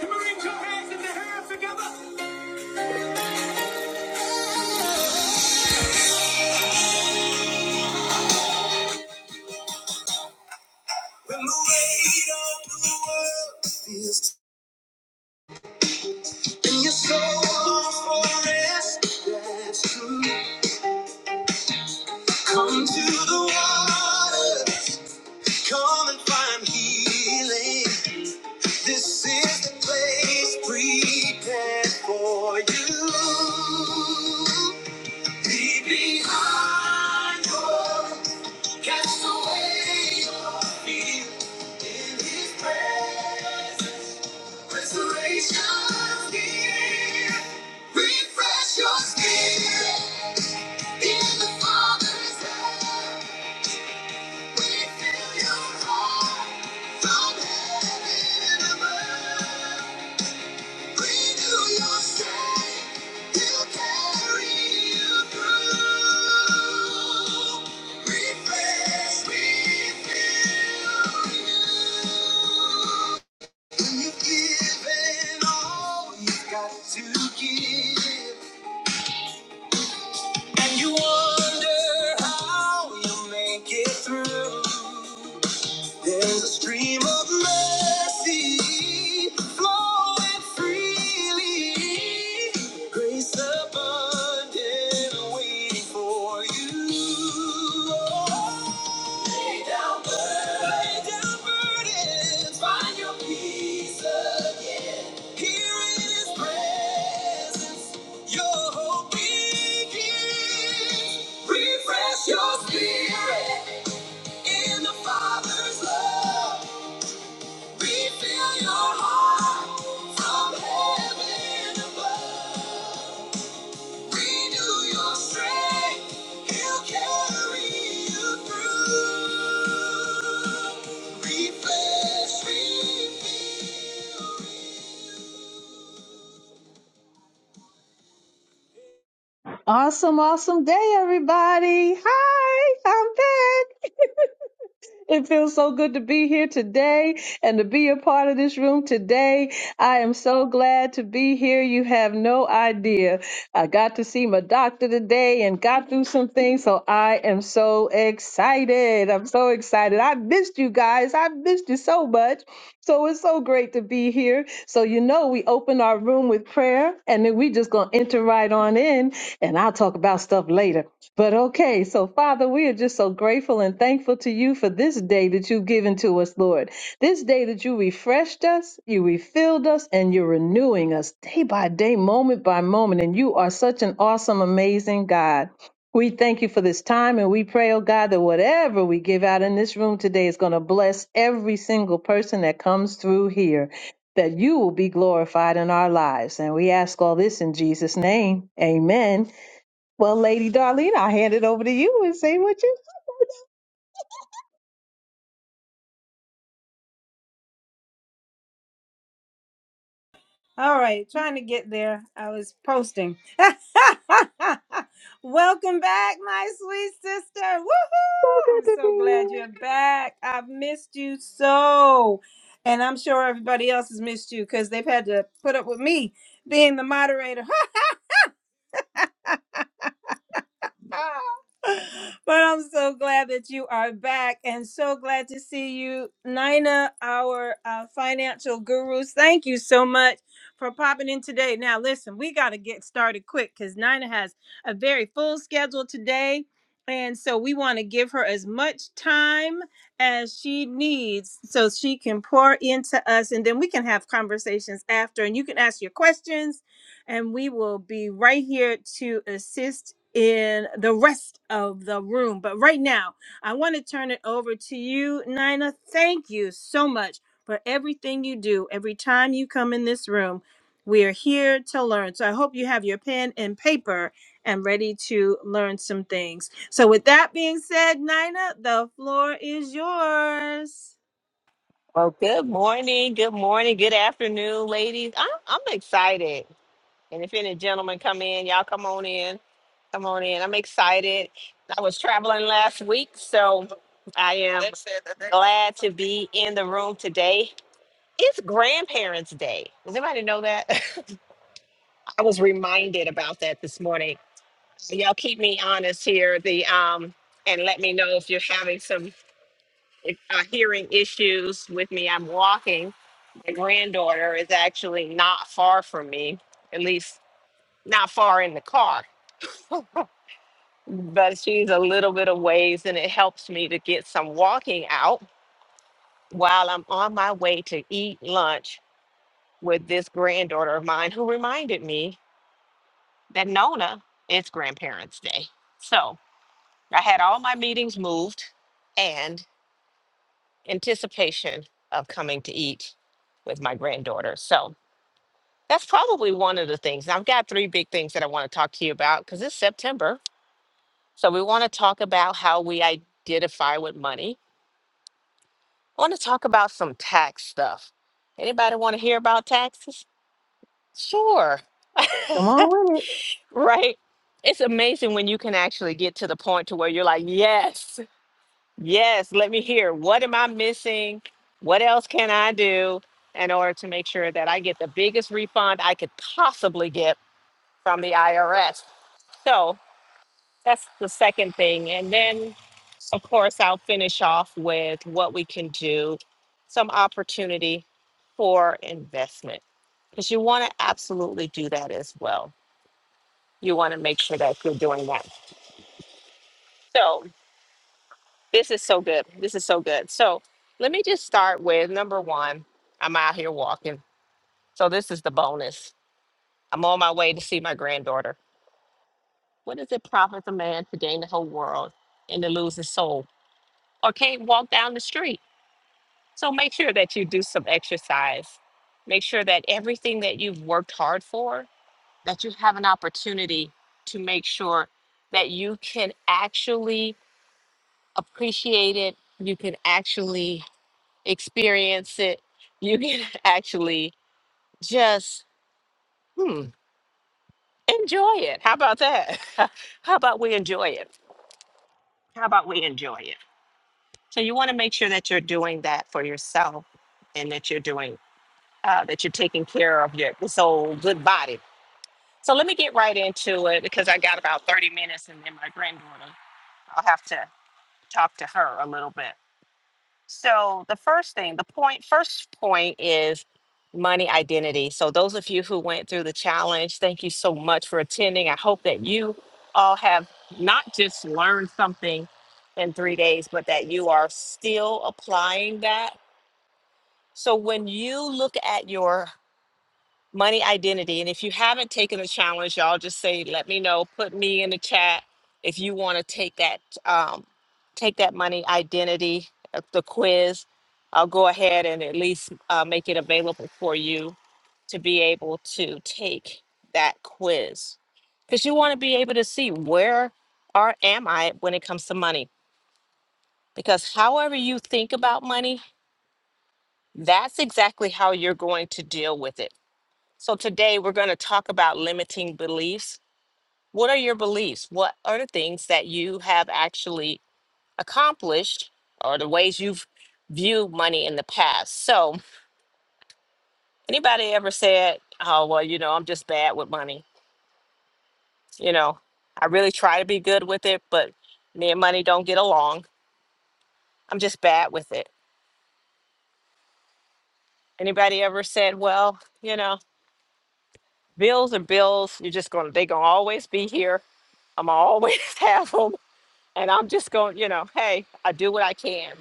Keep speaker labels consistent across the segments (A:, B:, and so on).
A: Bring your hands in the air together. When the weight of the world feels in your soul, for rest, that's true. Come to the water, come and find healing. This is the place prepared for you. Leave behind your Cast away your fear in His presence. Restoration's here. Refresh your spirit. In the Father's hand, we fill your heart from heaven above. Renew your strength. He'll carry you through. Refresh, refill, renew. When you've given all you've got to give, and you wonder how you make it through. There's a stream of mercy flowing freely. Grace abundant waiting for you. Oh, Lay down burdens. Lay down burdens. Find your peace again. Here in His presence, your hope begins. Refresh your spirit. In the Father's love, we fill your heart from heaven above. Renew your strength, He'll carry you through. Refresh, refill,
B: Awesome, awesome day, everybody. Hi, I'm back. It feels so good to be here today and to be a part of this room today. I am so glad to be here. You have no idea. I got to see my doctor today and got through some things, so I am so excited. I'm so excited. I missed you guys. I missed you so much. So it's so great to be here. So you know we open our room with prayer and then we just going to enter right on in and I'll talk about stuff later. But okay, so Father, we are just so grateful and thankful to you for this day that you've given to us, Lord. This day that you refreshed us, you refilled us, and you're renewing us day by day, moment by moment. And you are such an awesome, amazing God. We thank you for this time and we pray, oh God, that whatever we give out in this room today is going to bless every single person that comes through here, that you will be glorified in our lives. And we ask all this in Jesus' name. Amen. Well, Lady Darlene, I'll hand it over to you and see what you
A: All right, trying to get there. I was posting. Welcome back, my sweet sister.
B: so
A: Woohoo! I'm
B: good to
A: so glad
B: be.
A: you're back. I've missed you so. And I'm sure everybody else has missed you because they've had to put up with me being the moderator but I'm so glad that you are back and so glad to see you, Nina, our uh, financial gurus. Thank you so much for popping in today. Now, listen, we got to get started quick because Nina has a very full schedule today. And so we want to give her as much time as she needs so she can pour into us and then we can have conversations after and you can ask your questions and we will be right here to assist in the rest of the room. But right now, I want to turn it over to you, Nina. Thank you so much for everything you do. Every time you come in this room, we are here to learn. So I hope you have your pen and paper and ready to learn some things. So, with that being said, Nina, the floor is yours.
C: Well, good morning, good morning, good afternoon, ladies. I'm I'm excited. And if any gentlemen come in, y'all come on in. Come on in. I'm excited. I was traveling last week, so I am glad to be in the room today. It's Grandparents' Day. Does anybody know that? I was reminded about that this morning. So Y'all keep me honest here. The um and let me know if you're having some if, uh, hearing issues with me. I'm walking My granddaughter is actually not far from me, at least not far in the car, but she's a little bit of ways, and it helps me to get some walking out while I'm on my way to eat lunch with this granddaughter of mine who reminded me that Nona, it's grandparents' day. So I had all my meetings moved and anticipation of coming to eat with my granddaughter. So That's probably one of the things. I've got three big things that I want to talk to you about because it's September. So we want to talk about how we identify with money. I want to talk about some tax stuff. Anybody want to hear about taxes? Sure.
B: Come on with it.
C: right? It's amazing when you can actually get to the point to where you're like, yes, yes, let me hear. What am I missing? What else can I do in order to make sure that I get the biggest refund I could possibly get from the IRS? So That's the second thing. And then, of course, I'll finish off with what we can do, some opportunity for investment. Because you want to absolutely do that as well. You want to make sure that you're doing that. So, this is so good. This is so good. So, let me just start with number one I'm out here walking. So, this is the bonus. I'm on my way to see my granddaughter. What does it profit a man to gain the whole world and to lose his soul? Or can't walk down the street? So make sure that you do some exercise. Make sure that everything that you've worked hard for, that you have an opportunity to make sure that you can actually appreciate it, you can actually experience it, you can actually just hmm, enjoy it. How about that? How about we enjoy it? How about we enjoy it? So you want to make sure that you're doing that for yourself and that you're doing uh, that you're taking care of your this old good body So let me get right into it because I got about 30 minutes and then my granddaughter, I'll have to talk to her a little bit. So the first thing, the point, first point is money identity. So those of you who went through the challenge, thank you so much for attending. I hope that you all have not just learned something in three days, but that you are still applying that. So when you look at your money identity. And if you haven't taken the challenge, y'all just say, let me know, put me in the chat if you want to take that um, take that money identity uh, the quiz. I'll go ahead and at least uh, make it available for you to be able to take that quiz because you want to be able to see where or am I when it comes to money. Because however you think about money, that's exactly how you're going to deal with it so today we're going to talk about limiting beliefs. What are your beliefs? What are the things that you have actually accomplished or the ways you've viewed money in the past? So, anybody ever said, "Oh, well, you know, I'm just bad with money." You know, I really try to be good with it, but me and money don't get along. I'm just bad with it. Anybody ever said, "Well, you know, bills are bills. You're just going to they're going to always be here. I'm always have them." And I'm just going, you know, hey, I do what I can.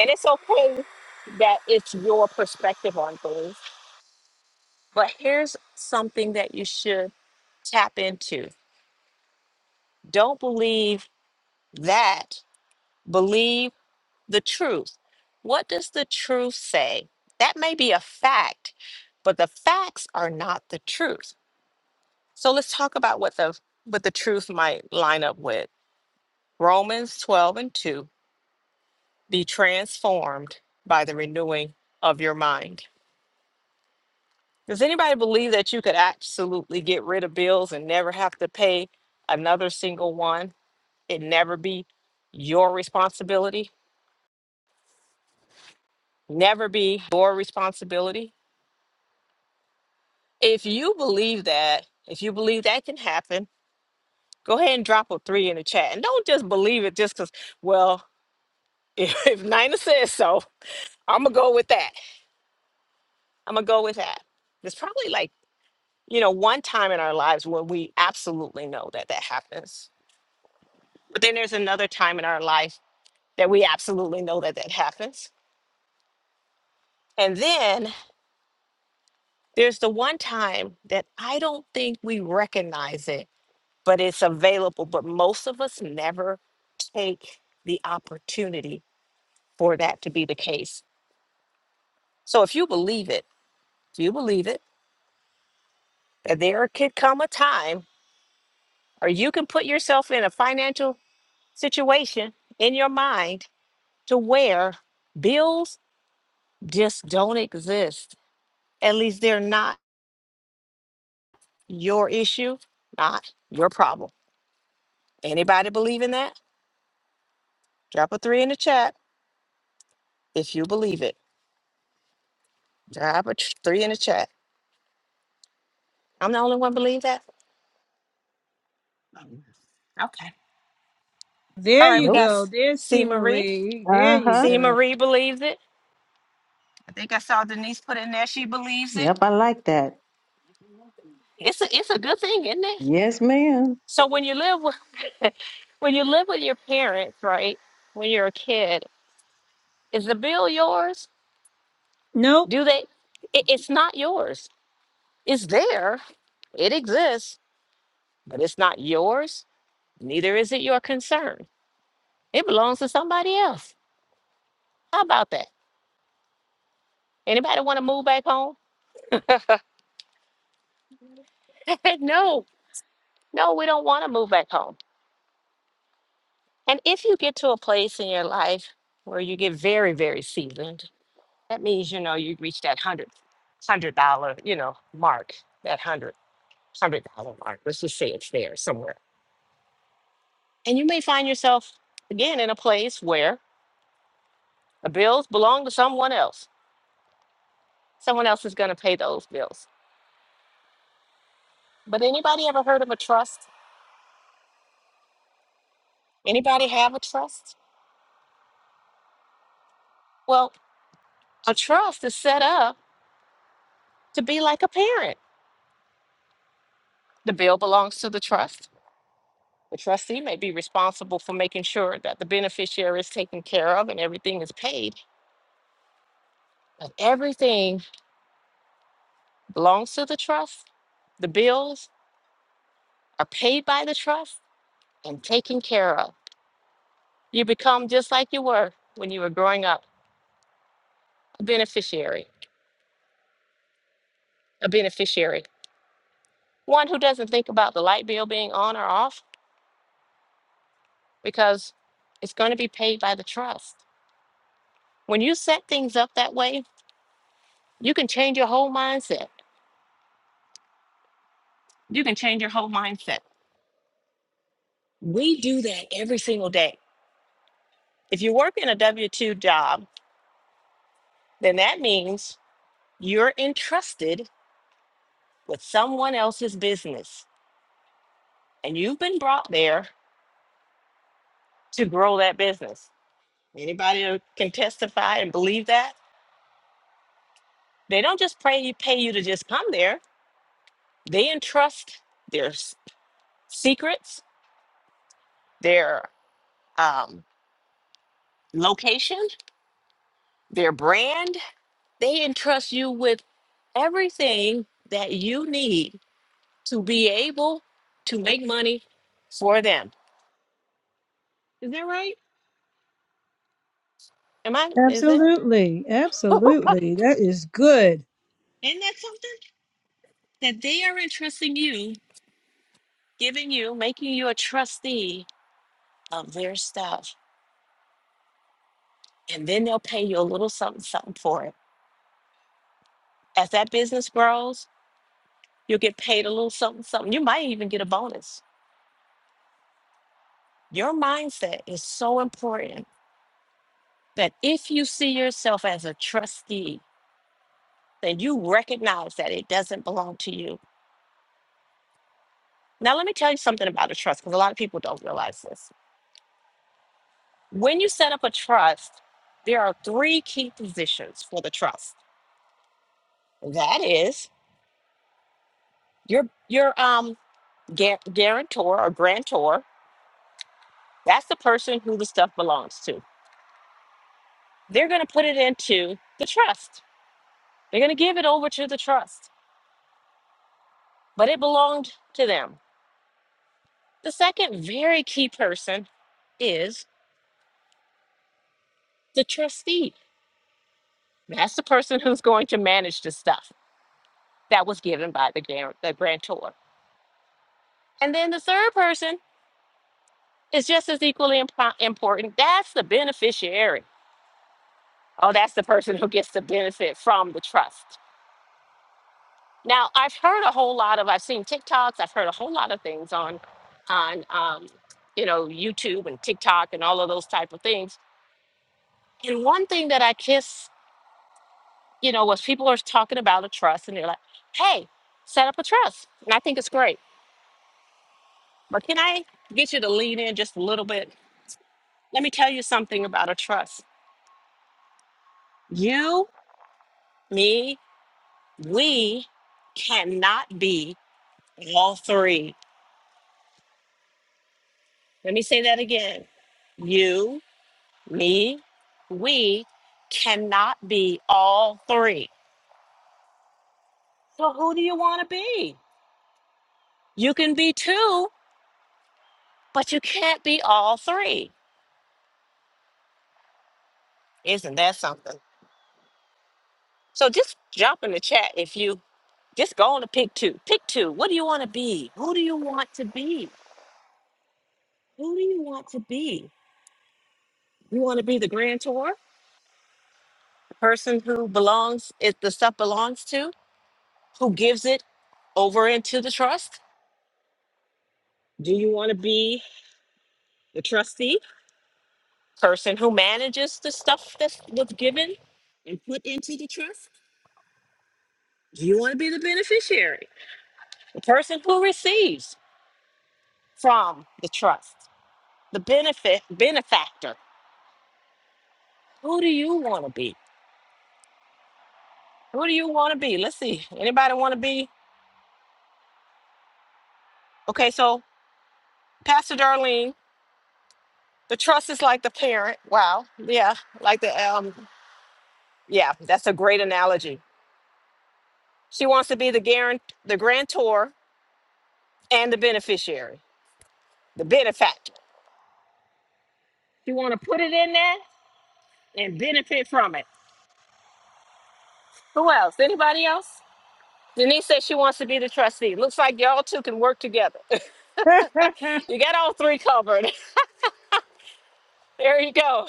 C: And it's okay that it's your perspective on things. But here's something that you should tap into don't believe that, believe the truth. What does the truth say? That may be a fact, but the facts are not the truth. So let's talk about what the what the truth might line up with. Romans 12 and 2 be transformed by the renewing of your mind. Does anybody believe that you could absolutely get rid of bills and never have to pay another single one? It never be your responsibility, never be your responsibility. If you believe that, if you believe that can happen, go ahead and drop a three in the chat. And don't just believe it just because, well, if, if Nina says so, I'm going to go with that. I'm going to go with that. There's probably like you know, one time in our lives where we absolutely know that that happens. But then there's another time in our life that we absolutely know that that happens. And then there's the one time that I don't think we recognize it, but it's available. But most of us never take the opportunity for that to be the case. So if you believe it, if you believe it, that there could come a time or you can put yourself in a financial situation in your mind to where bills just don't exist. At least they're not your issue, not your problem. Anybody believe in that? Drop a three in the chat if you believe it. Drop a tr- three in the chat. I'm the only one believe that. Okay. All
A: There
C: right,
A: you
C: we got
B: Nope.
A: go.
C: S-
A: There's
C: C
A: C.
C: Marie.
A: Marie. There
B: Uh
A: you
B: huh.
C: C
A: go.
C: Marie believes it. I think I saw Denise put in there. She believes
B: Yep,
C: it.
B: I like that.
C: It's a it's a good thing, isn't it?
B: Yes, ma'am.
C: So when you live with when you live with your parents, right? When you're a kid, is the bill yours?
A: Nope.
C: do they it, it's not yours it's there it exists but it's not yours neither is it your concern it belongs to somebody else how about that anybody want to move back home no no we don't want to move back home and if you get to a place in your life where you get very very seasoned that means you know you reach that hundred hundred dollar you know mark that hundred hundred dollar mark let's just say it's there somewhere and you may find yourself again in a place where The bills belong to someone else. Someone else is going to pay those bills. But anybody ever heard of a trust? Anybody have a trust? Well, a trust is set up to be like a parent. The bill belongs to the trust. The trustee may be responsible for making sure that the beneficiary is taken care of and everything is paid, but everything belongs to the trust. The bills are paid by the trust and taken care of. You become just like you were when you were growing up, a beneficiary, a beneficiary. one who doesn't think about the light bill being on or off because it's going to be paid by the trust. When you set things up that way, you can change your whole mindset. You can change your whole mindset. We do that every single day. If you work in a W 2 job, then that means you're entrusted with someone else's business and you've been brought there to grow that business. Anybody who can testify and believe that? They don't just pray you pay you to just come there They entrust their s- secrets, their um, location, their brand. They entrust you with everything that you need to be able to make money for them. Is that right? Am I? Is that?
A: Absolutely. Absolutely. That is good.
C: Isn't that something? That they are entrusting you, giving you, making you a trustee of their stuff. And then they'll pay you a little something, something for it. As that business grows, You'll get paid a little something, something. You might even get a bonus. Your mindset is so important that if you see yourself as a trustee, then you recognize that it doesn't belong to you. Now, let me tell you something about a trust because a lot of people don't realize this. When you set up a trust, there are three key positions for the trust. That is your your um guar- guarantor or grantor. That's the person who the stuff belongs to. They're going to put it into the trust They're going to give it over to the trust, but it belonged to them. The second very key person is the trustee. That's the person who's going to manage the stuff that was given by the, gran- the grantor. And then the third person is just as equally impo- important. That's the beneficiary. Oh, that's the person who gets the benefit from the trust. Now, I've heard a whole lot of, I've seen TikToks, I've heard a whole lot of things on, on, um, you know, YouTube and TikTok and all of those type of things And one thing that I just, you know, was people are talking about a trust and they're like, hey, set up a trust. And I think it's great. But can I get you to lean in just a little bit? Let me tell you something about a trust. You, me, we cannot be all three. Let me say that again. You, me, we cannot be all three. So who do you want to be? You can be two, but you can't be all three Isn't that something? So just jump in the chat if you just go on to pick two. Pick two. What do you want to be? Who do you want to be? Who do you want to be? You want to be the grantor, the person who belongs, if the stuff belongs to, who gives it over into the trust? Do you want to be the trustee, person who manages the stuff that was given and put into the trust? Do you want to be the beneficiary, the person who receives from the trust? the benefit benefactor. Who do you want to be? Who do you want to be? Let's see. Anybody want to be? Okay, so Pastor Darlene, the trust is like the parent. Wow. Yeah, like the um. Yeah, that's a great analogy. She wants to be the guarant, the grantor, and the beneficiary, the benefactor. You want to put it in there and benefit from it. Who else? Anybody else? Denise says she wants to be the trustee. Looks like y'all two can work together. you got all three covered. There you go.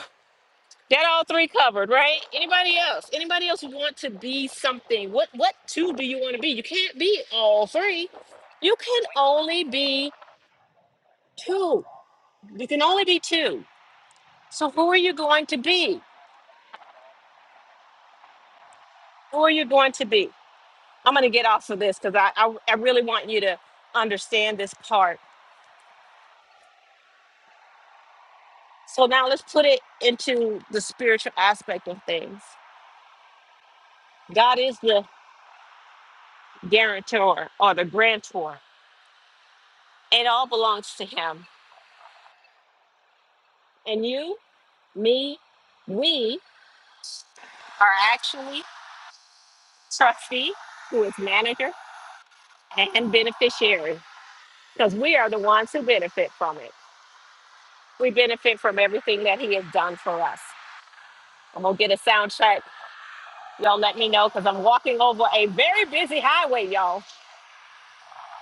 C: That all three covered, right? Anybody else? Anybody else want to be something? What what two do you want to be? You can't be all three. You can only be two. You can only be two. So who are you going to be? Who are you going to be? I'm gonna get off of this because I, I I really want you to understand this part. So now let's put it into the spiritual aspect of things. God is the guarantor or the grantor. It all belongs to him. And you? me, we are actually trustee, who is manager and beneficiary, because we are the ones who benefit from it. We benefit from everything that he has done for us. I'm gonna get a sound check. Y'all let me know because I'm walking over a very busy highway, y'all.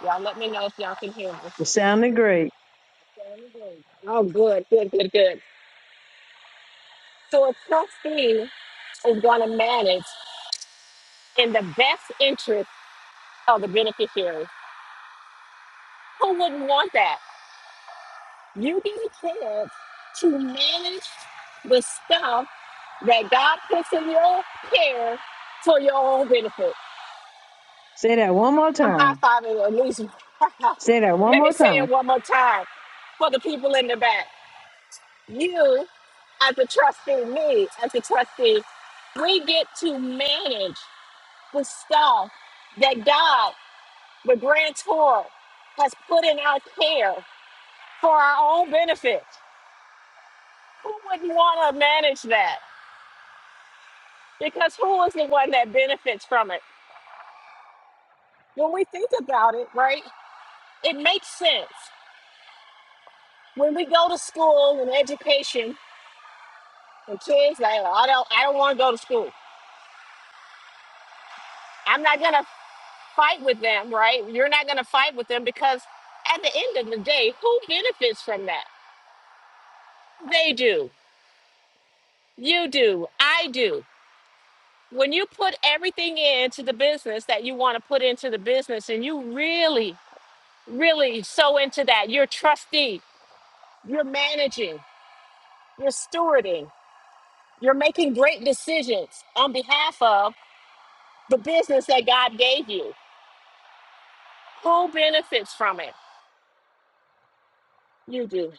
C: Y'all let me know if y'all can hear
B: It sounded great.
C: me. Oh, good, good, good, good. So a trustee is gonna manage in the best interest of the beneficiary. Who wouldn't want that? You get a chance to manage the stuff that God puts in your care for your own benefit.
B: Say that one more
C: I'm high
B: time.
C: fiving at least. Let
B: Say that one
C: me
B: more
C: say
B: time.
C: it one more time for the people in the back. You, as a trustee, me, as a trustee, we get to manage the stuff that God, the grantor, has put in our care for our own benefit. Who wouldn't want to manage that? because who is the one that benefits from it? When we think about it, right, it makes sense. When we go to school and education, and kids like, "Oh, I don't, I don't want to go to school. I'm not gonna fight with them, right? You're not gonna fight with them because at the end of the day, who benefits from that? They do. You do. I do. When you put everything into the business that you want to put into the business, and you really, really so into that, you're trustee, you're managing, You're stewarding. You're making great decisions on behalf of the business that God gave you. Who benefits from it? You do.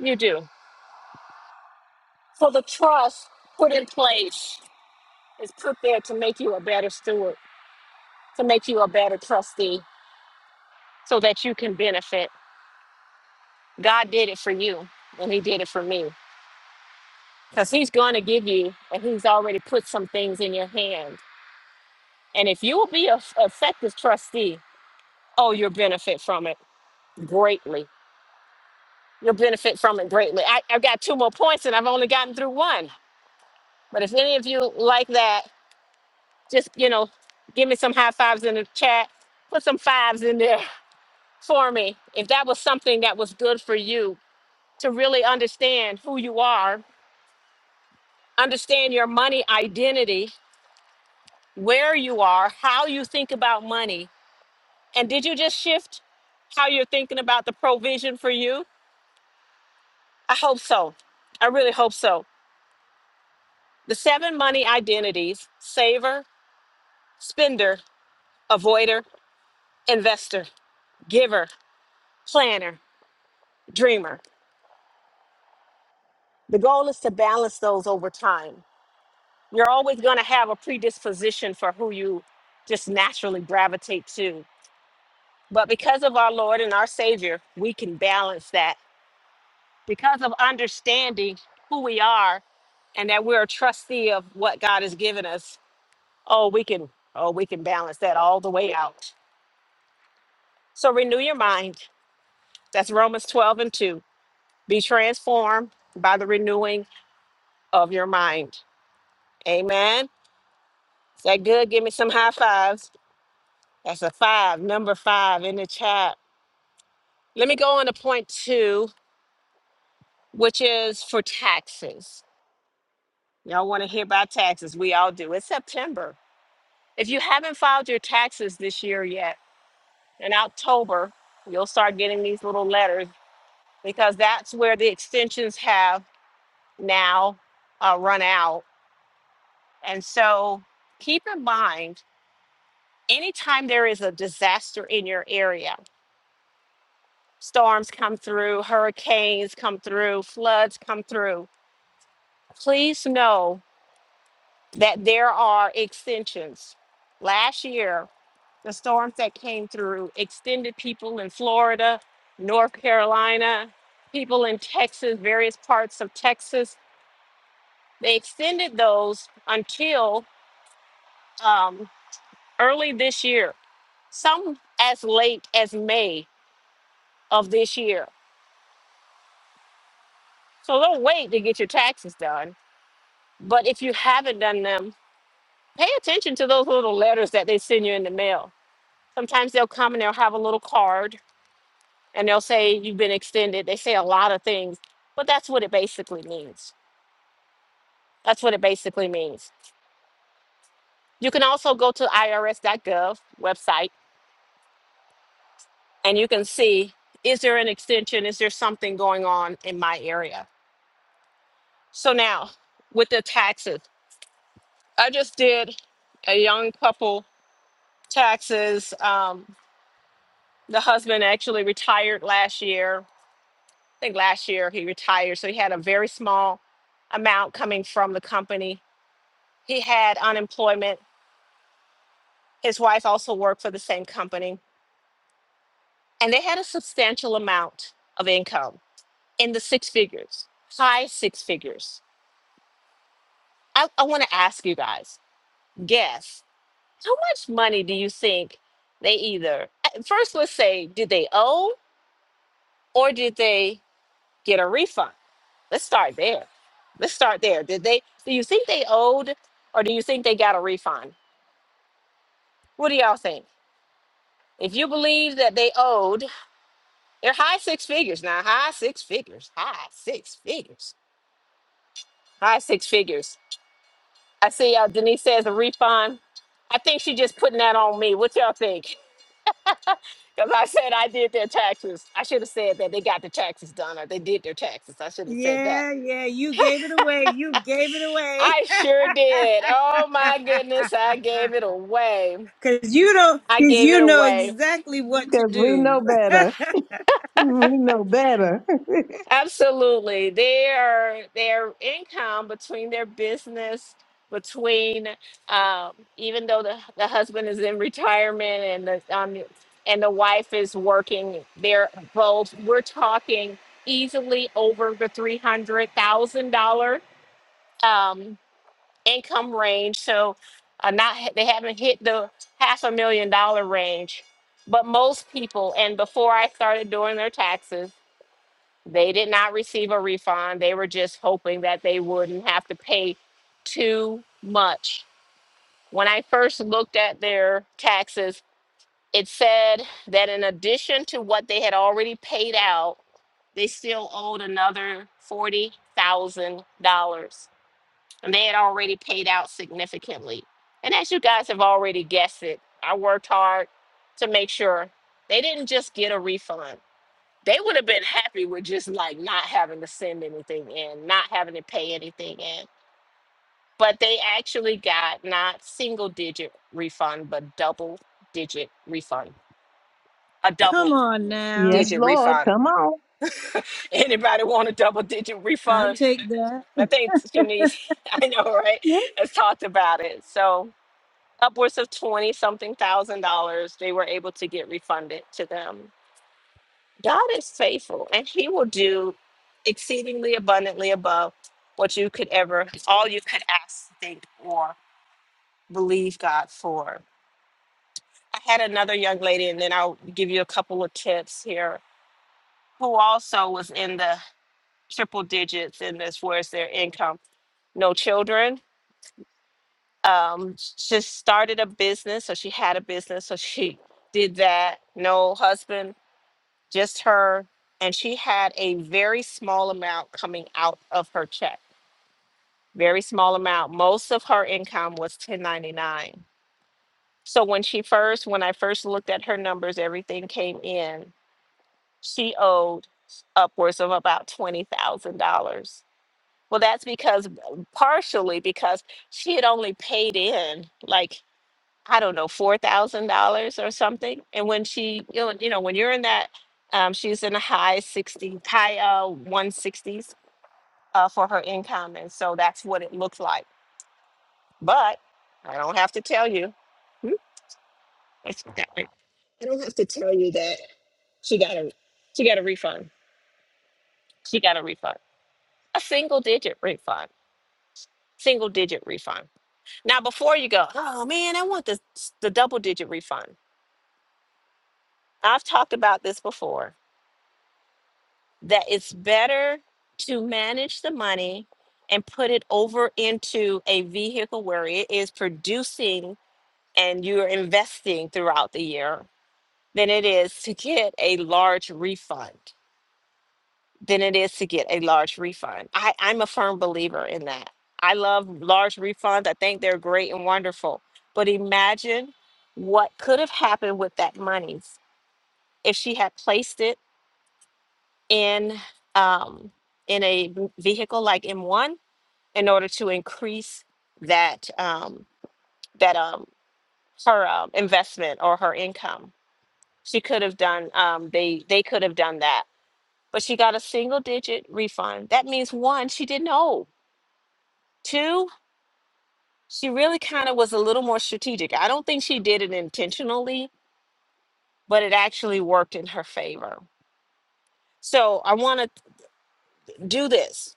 C: You do. So the trust put in place is put there to make you a better steward, to make you a better trustee, so that you can benefit. God did it for you, and He did it for me. Because He's going to give you, and He's already put some things in your hand. And if you will be a a effective trustee, oh, you'll benefit from it greatly You'll benefit from it greatly. I, I've got two more points and I've only gotten through one. But if any of you like that, just, you know, give me some high fives in the chat. Put some fives in there for me. If that was something that was good for you to really understand who you are, understand your money identity, where you are, how you think about money. And did you just shift how you're thinking about the provision for you? I hope so. I really hope so. The seven money identities, saver. spender, avoider, investor, giver, planner, dreamer. The goal is to balance those over time. You're always going to have a predisposition for who you just naturally gravitate to. But because of our Lord and our Savior, we can balance that. Because of understanding who we are and that we're a trustee of what God has given us, oh, we can oh, we can balance that all the way out. So renew your mind. That's Romans 12 and 2 Be transformed by the renewing of your mind. Amen. Is that good? Give me some high fives. That's a five, number five in the chat. Let me go on to point two, which is for taxes. Y'all want to hear about taxes? We all do. It's September. If you haven't filed your taxes this year yet, in October, you'll start getting these little letters because that's where the extensions have now uh, run out. And so keep in mind anytime there is a disaster in your area, storms come through, hurricanes come through, floods come through, please know that there are extensions. Last year, the storms that came through extended people in Florida, North Carolina, people in Texas, various parts of Texas. They extended those until um, early this year, some as late as May of this year So don't wait to get your taxes done. But if you haven't done them, pay attention to those little letters that they send you in the mail. Sometimes they'll come and they'll have a little card and they'll say you've been extended. They say a lot of things, but that's what it basically means. That's what it basically means. You can also go to irs.gov website and you can see is there an extension? Is there something going on in my area? So now with the taxes, I just did a young couple taxes. Um, the husband actually retired last year. I think last year he retired, so he had a very small amount coming from the company. He had unemployment. His wife also worked for the same company, and they had a substantial amount of income in the six figures, high six figures. I, I want to ask you guys guess how much money do you think they either, first, let's say, did they owe or did they get a refund? Let's start there. Let's start there. Did they do you think they owed or do you think they got a refund? What do y'all think? If you believe that they owed, they're high six figures now. High six figures. High six figures. High six figures. I see uh, Denise says a refund. I think she just putting that on me. What y'all think? Because I said I did their taxes. I should have said that they got their taxes done or they did their taxes. I should have said that.
A: Yeah, yeah, you gave it away. You gave it away.
C: I sure did. Oh my goodness, I gave it away.
A: Cause you don't
C: I
A: cause
C: gave it
A: you know
C: away.
A: exactly what to
B: Because we know
A: do.
B: better. We know better.
C: Absolutely. Their their income between their business, between um, even though the, the husband is in retirement and the um, and the wife is working, they're both we're talking easily over the three hundred thousand dollar um income range. So uh, not they haven't hit the half a million dollar range. But most people, and before I started doing their taxes, They did not receive a refund. They were just hoping that they wouldn't have to pay too much. When I first looked at their taxes, it said that in addition to what they had already paid out, they still owed another $40,000. And they had already paid out significantly. And as you guys have already guessed it, I worked hard to make sure they didn't just get a refund they would have been happy with just like not having to send anything in, not having to pay anything in. But they actually got not single digit refund, but double digit refund. A double
A: Come on now.
B: yes,
C: digit
B: Lord.
C: refund.
B: Come on.
C: Anybody want a double digit
A: I'll
C: refund?
A: take that.
C: I think Shanice, I know, right? Has talked about it. So upwards of twenty something thousand dollars they were able to get refunded to them God is faithful and he will do exceedingly abundantly above what you could ever, all you could ask, think, or believe God for. I had another young lady, and then I'll give you a couple of tips here, who also was in the triple digits in this, where's their income? No children. Um, she started a business, so she had a business, so she did that. No husband, just her. And she had a very small amount coming out of her check, very small amount. Most of her income was 1099. So when she first, when I first looked at her numbers, everything came in. She owed upwards of about $20,000. Well, that's because partially because she had only paid in like I don't know, four thousand dollars or something. And when she, you know, you know, when you're in that, um, she's in the high sixty, high uh one sixties uh for her income, and so that's what it looks like. But I don't have to tell you. Hmm, that's what that way. I don't have to tell you that she got a she got a refund. She got a refund. A single digit refund. Single digit refund. Now before you go, oh man, I want the the double digit refund. I've talked about this before that it's better to manage the money and put it over into a vehicle where it is producing and you're investing throughout the year than it is to get a large refund than it is to get a large refund I, i'm a firm believer in that i love large refunds i think they're great and wonderful but imagine what could have happened with that money if she had placed it in um, in a v- vehicle like M1 in order to increase that um, that um, her um, investment or her income. She could have done um, they they could have done that, but she got a single digit refund. That means one, she didn't owe. Two, she really kind of was a little more strategic. I don't think she did it intentionally, but it actually worked in her favor. So I want to do this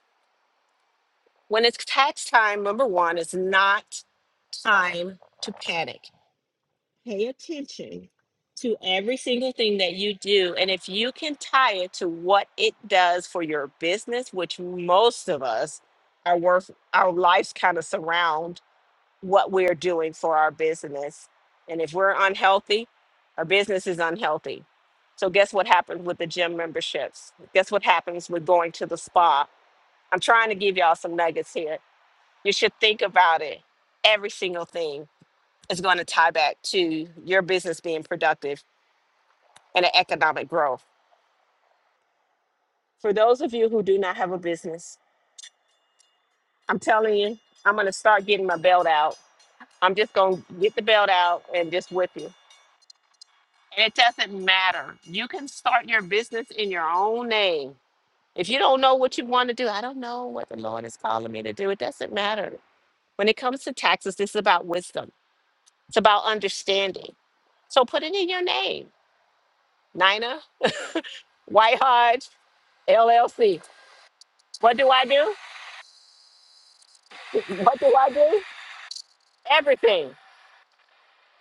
C: when it's tax time. Number one, it's not time to panic. Pay attention to every single thing that you do. And if you can tie it to what it does for your business, which most of us are worth, our lives kind of surround what we're doing for our business. And if we're unhealthy, our business is unhealthy. So, guess what happens with the gym memberships? Guess what happens with going to the spa? I'm trying to give y'all some nuggets here. You should think about it every single thing is going to tie back to your business being productive and the economic growth. For those of you who do not have a business, I'm telling you, I'm going to start getting my belt out. I'm just going to get the belt out and just whip you. And it doesn't matter. You can start your business in your own name. If you don't know what you want to do, I don't know what the Lord is calling me to do. It doesn't matter. When it comes to taxes, this is about wisdom, it's about understanding. So put it in your name, Nina White Hodge LLC. What do I do? What do I do? Everything.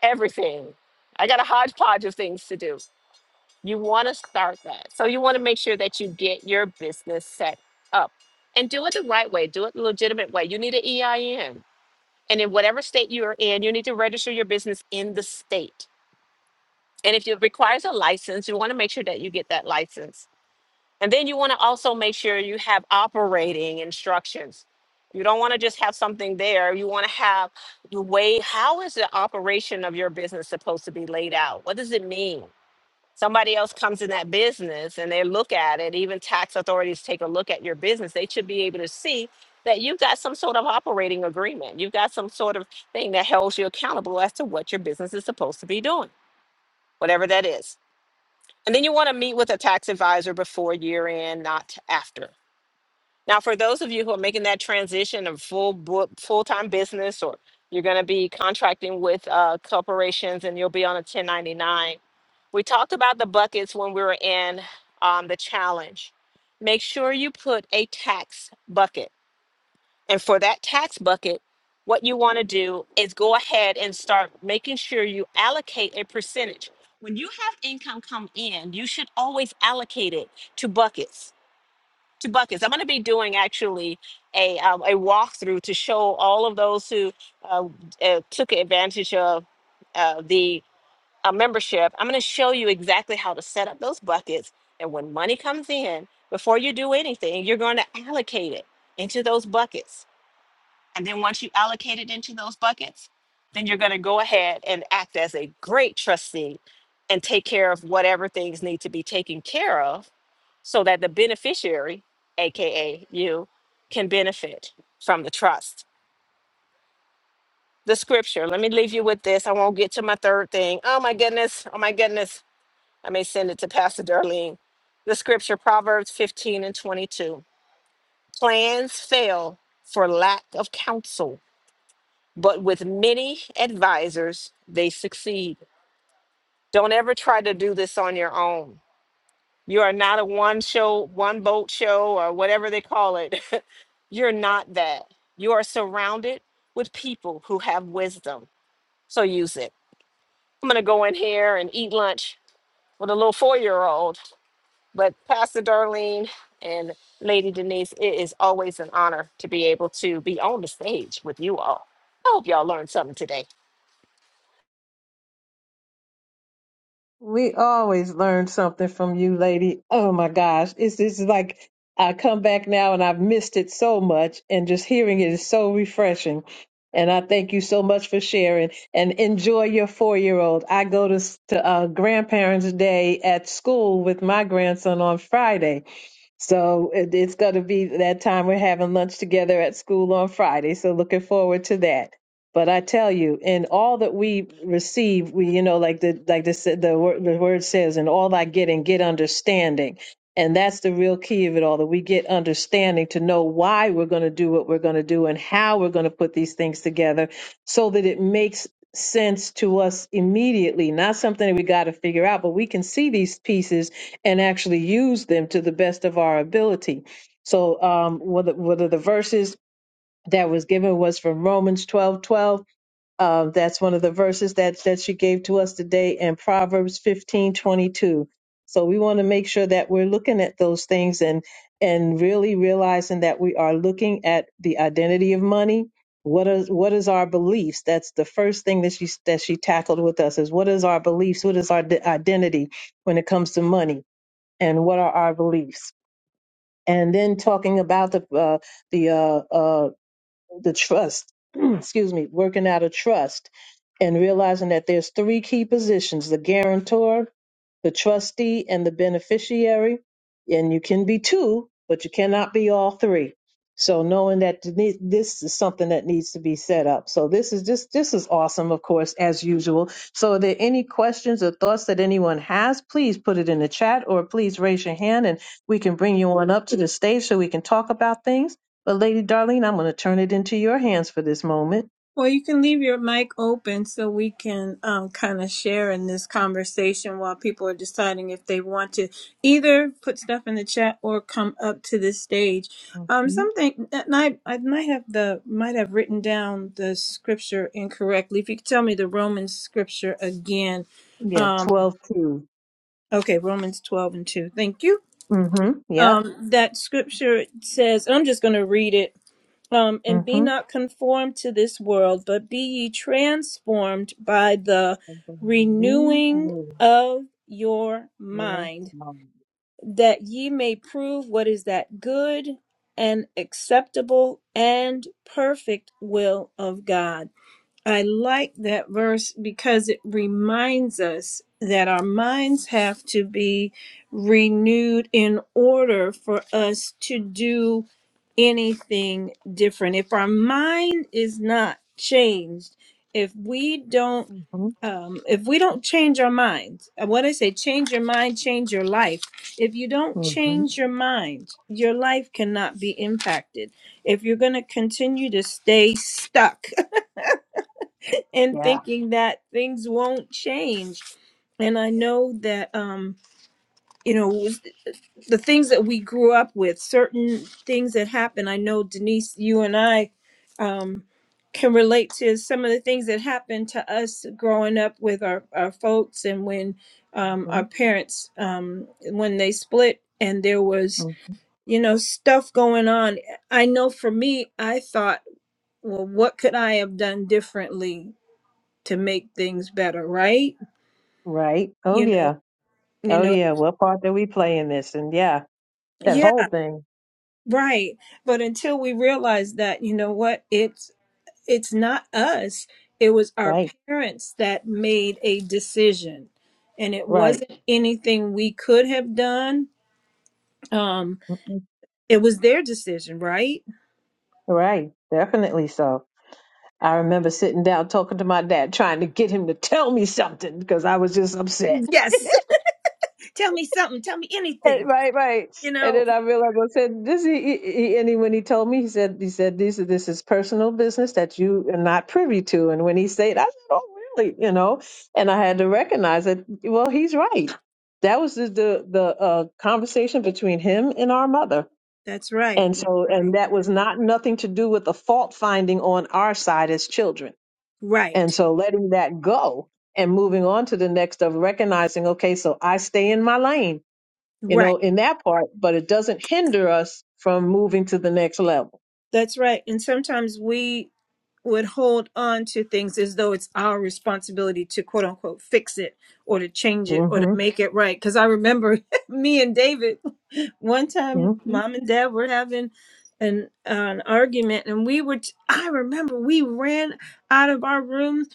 C: Everything. I got a hodgepodge of things to do. You want to start that. So you want to make sure that you get your business set up and do it the right way, do it the legitimate way. You need an EIN. And in whatever state you are in, you need to register your business in the state. And if it requires a license, you want to make sure that you get that license And then you want to also make sure you have operating instructions. You don't want to just have something there. You want to have the way, how is the operation of your business supposed to be laid out? What does it mean? Somebody else comes in that business and they look at it, even tax authorities take a look at your business. They should be able to see that you've got some sort of operating agreement. You've got some sort of thing that holds you accountable as to what your business is supposed to be doing, whatever that is. And then you want to meet with a tax advisor before year end, not after now, for those of you who are making that transition of full book, full-time business, or you're going to be contracting with uh, corporations and you'll be on a 1099, we talked about the buckets when we were in um, the challenge. Make sure you put a tax bucket. And for that tax bucket, what you want to do is go ahead and start making sure you allocate a percentage. When you have income come in, you should always allocate it to buckets two buckets. I'm going to be doing actually a um, a walkthrough to show all of those who uh, uh, took advantage of uh, the uh, membership. I'm going to show you exactly how to set up those buckets, and when money comes in, before you do anything, you're going to allocate it into those buckets and then once you allocate it into those buckets, then you're going to go ahead and act as a great trustee and take care of whatever things need to be taken care of so that the beneficiary, AKA you, can benefit from the trust. The scripture, let me leave you with this. I won't get to my third thing. Oh my goodness. Oh my goodness. I may send it to Pastor Darlene. The scripture, Proverbs 15 and 22. Plans fail for lack of counsel but with many advisors, they succeed. Don't ever try to do this on your own. You are not a one show, one boat show, or whatever they call it. You're not that. You are surrounded with people who have wisdom. So use it. I'm going to go in here and eat lunch with a little four year old. But Pastor Darlene and Lady Denise, it is always an honor to be able to be on the stage with you all. I hope y'all learned something today.
B: We always learn something from you, lady. Oh my gosh. It's it's like I come back now and I've missed it so much, and just hearing it is so refreshing. And I thank you so much for sharing and enjoy your four year old. I go to, s- to uh, Grandparents' Day at school with my grandson on Friday. So it, it's going to be that time we're having lunch together at school on Friday. So looking forward to that. But I tell you, in all that we receive, we you know like the like the sa- the word, the word says, in all I get and get understanding, and that's the real key of it all. That we get understanding to know why we're going to do what we're going to do and how we're going to put these things together, so that it makes sense to us immediately. Not something that we got to figure out, but we can see these pieces and actually use them to the best of our ability. So, um, one of the, one of the verses that was given was from Romans twelve twelve. Um, that's one of the verses that, that she gave to us today, and Proverbs fifteen twenty two. So, we want to make sure that we're looking at those things and and really realizing that we are looking at the identity of money. What is what is our beliefs? That's the first thing that she that she tackled with us is what is our beliefs? What is our d- identity when it comes to money? and what are our beliefs and then talking about the uh, the uh, uh, the trust, excuse me, working out a trust and realizing that there's three key positions, the guarantor, the trustee, and the beneficiary. And you can be two, but you cannot be all three. So knowing that th- ne- this is something that needs to be set up. So this is just this is awesome, of course, as usual. So are there any questions or thoughts that anyone has? Please put it in the chat or please raise your hand and we can bring you on up to the stage so we can talk about things. But, Lady Darlene, I'm going to turn it into your hands for this moment.
A: Well, you can leave your mic open so we can um, kind of share in this conversation while people are deciding if they want to either put stuff in the chat or come up to the stage. Um,
B: hmm
A: something and I I might have the might have written down the scripture incorrectly. If you could tell me the Romans scripture again,
B: Yeah,
A: um,
B: 12 2.
A: okay, Romans twelve and two. Thank you.
B: hmm Yep.
A: Um, that scripture says, I'm just going to read it um, and
B: mm
A: be
B: hmm
A: not conformed to this world, but be ye transformed by the
B: mm believe
A: renewing
B: me, yes,
A: of your
B: Lord.
A: mind, that ye may prove what is that good and acceptable and perfect will of God. I like that verse because it reminds us that our minds have to be renewed in order for us to do anything different. If our mind is not changed, if we don't
B: hmm
A: um, if we don't change our minds, and what I say, change your mind, change your life. If you don't
B: hmm
A: change your mind, your life cannot be impacted. If you're going to continue to stay stuck and
B: Yeah.
A: thinking that things won't change. And I know that, um, you know, was- the things that we grew up with, certain things that happen. I know, Denise, you and I um, can relate to some of the things that happened to us growing up with our, our folks and when um,
B: hmm
A: our parents, um, when they split and there was,
B: hmm
A: you know, stuff going on. I know for me, I thought, well, what could I have done differently to make things better, right?
B: Right. Oh,
A: you know
B: yeah.
A: you
B: Oh,
A: know
B: yeah. What part do we play in this? And yeah, that whole
A: yeah
B: thing.
A: right but until we realize that you know what it's it's not us it was our
B: Right.
A: parents that made a decision and it
B: Right.
A: wasn't anything we could have done um
B: Mhm.
A: it was their decision right
B: Right. Definitely so. I remember sitting down talking to my dad, trying to get him to tell me something because I was just upset. And-
A: yes tell me something tell me anything
B: Right, right.
A: you
B: And
A: know
B: then I realized I said, "This." He, he, he- and he, when he told me, he said, "He said this is this is personal business that you are not privy to." And when he said, I said, "Oh, really?" You know. And I had to recognize that. Well, he's right. That was the the, the uh, conversation between him and our mother.
A: that's right
B: And
A: that's
B: so,
A: right
B: and that was not nothing to do with the fault finding on our side as children
A: right
B: And so letting that go and moving on to the next of recognizing, okay, so I stay in my lane, you
A: right
B: know, in that part, but it doesn't hinder us from moving to the next level.
A: that's right and sometimes we would hold on to things as though it's our responsibility to quote unquote fix it or to change it
B: hmm
A: or to make it right. Because I remember me and David, one
B: hmm
A: time, mom and dad were having an, uh, an argument, and we were, t- I remember we ran out of our room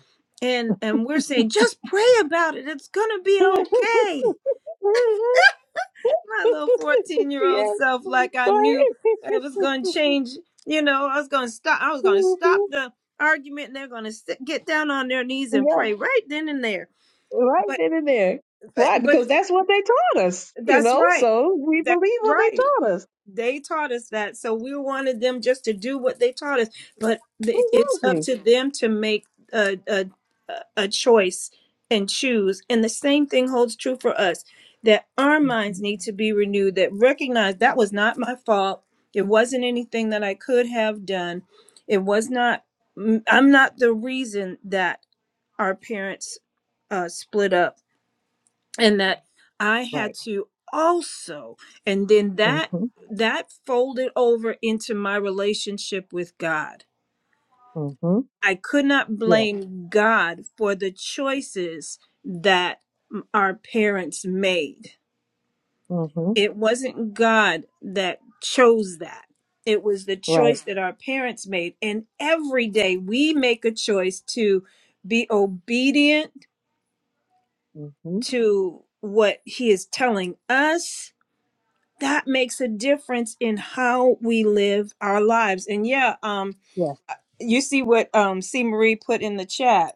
A: and and we're saying just pray about it it's gonna be okay my little 14 year old
B: yeah.
A: self like I
B: Go
A: knew
B: ahead.
A: it was going to change. You know, I was going to stop. I was going to stop the argument, and they're going to sit, get down on their knees and
B: yep.
A: pray right then and there.
B: Right
A: But
B: then and there.
A: but,
B: Why?
A: but
B: Because
A: it-
B: that's what they taught us, you
A: that's
B: know,
A: right.
B: so we
A: That's
B: believe what they
A: right.
B: taught us.
A: They taught us that. So we wanted them just to do what they taught us. But th- it's up
B: Exactly.
A: to them to make a, a, a choice and choose. And the same thing holds true for us that our minds
B: hmm
A: need to be renewed, that recognize that was not my fault. It wasn't anything that I could have done. It was not, i I'm not the reason that our parents uh, split up and that I had
B: Right.
A: to also, and then
B: Right.
A: that
B: hmm
A: that folded over into my relationship with God.
B: hmm
A: I could not
B: Yeah.
A: blame God for the choices that m- our parents made.
B: hmm
A: It wasn't God that chose that. It was the
B: Right.
A: choice that our parents made. And every day we make a choice to be obedient
B: hmm
A: to what He is telling us that makes a difference in how we live our lives. And yeah, um, you see what um C Marie put in the chat.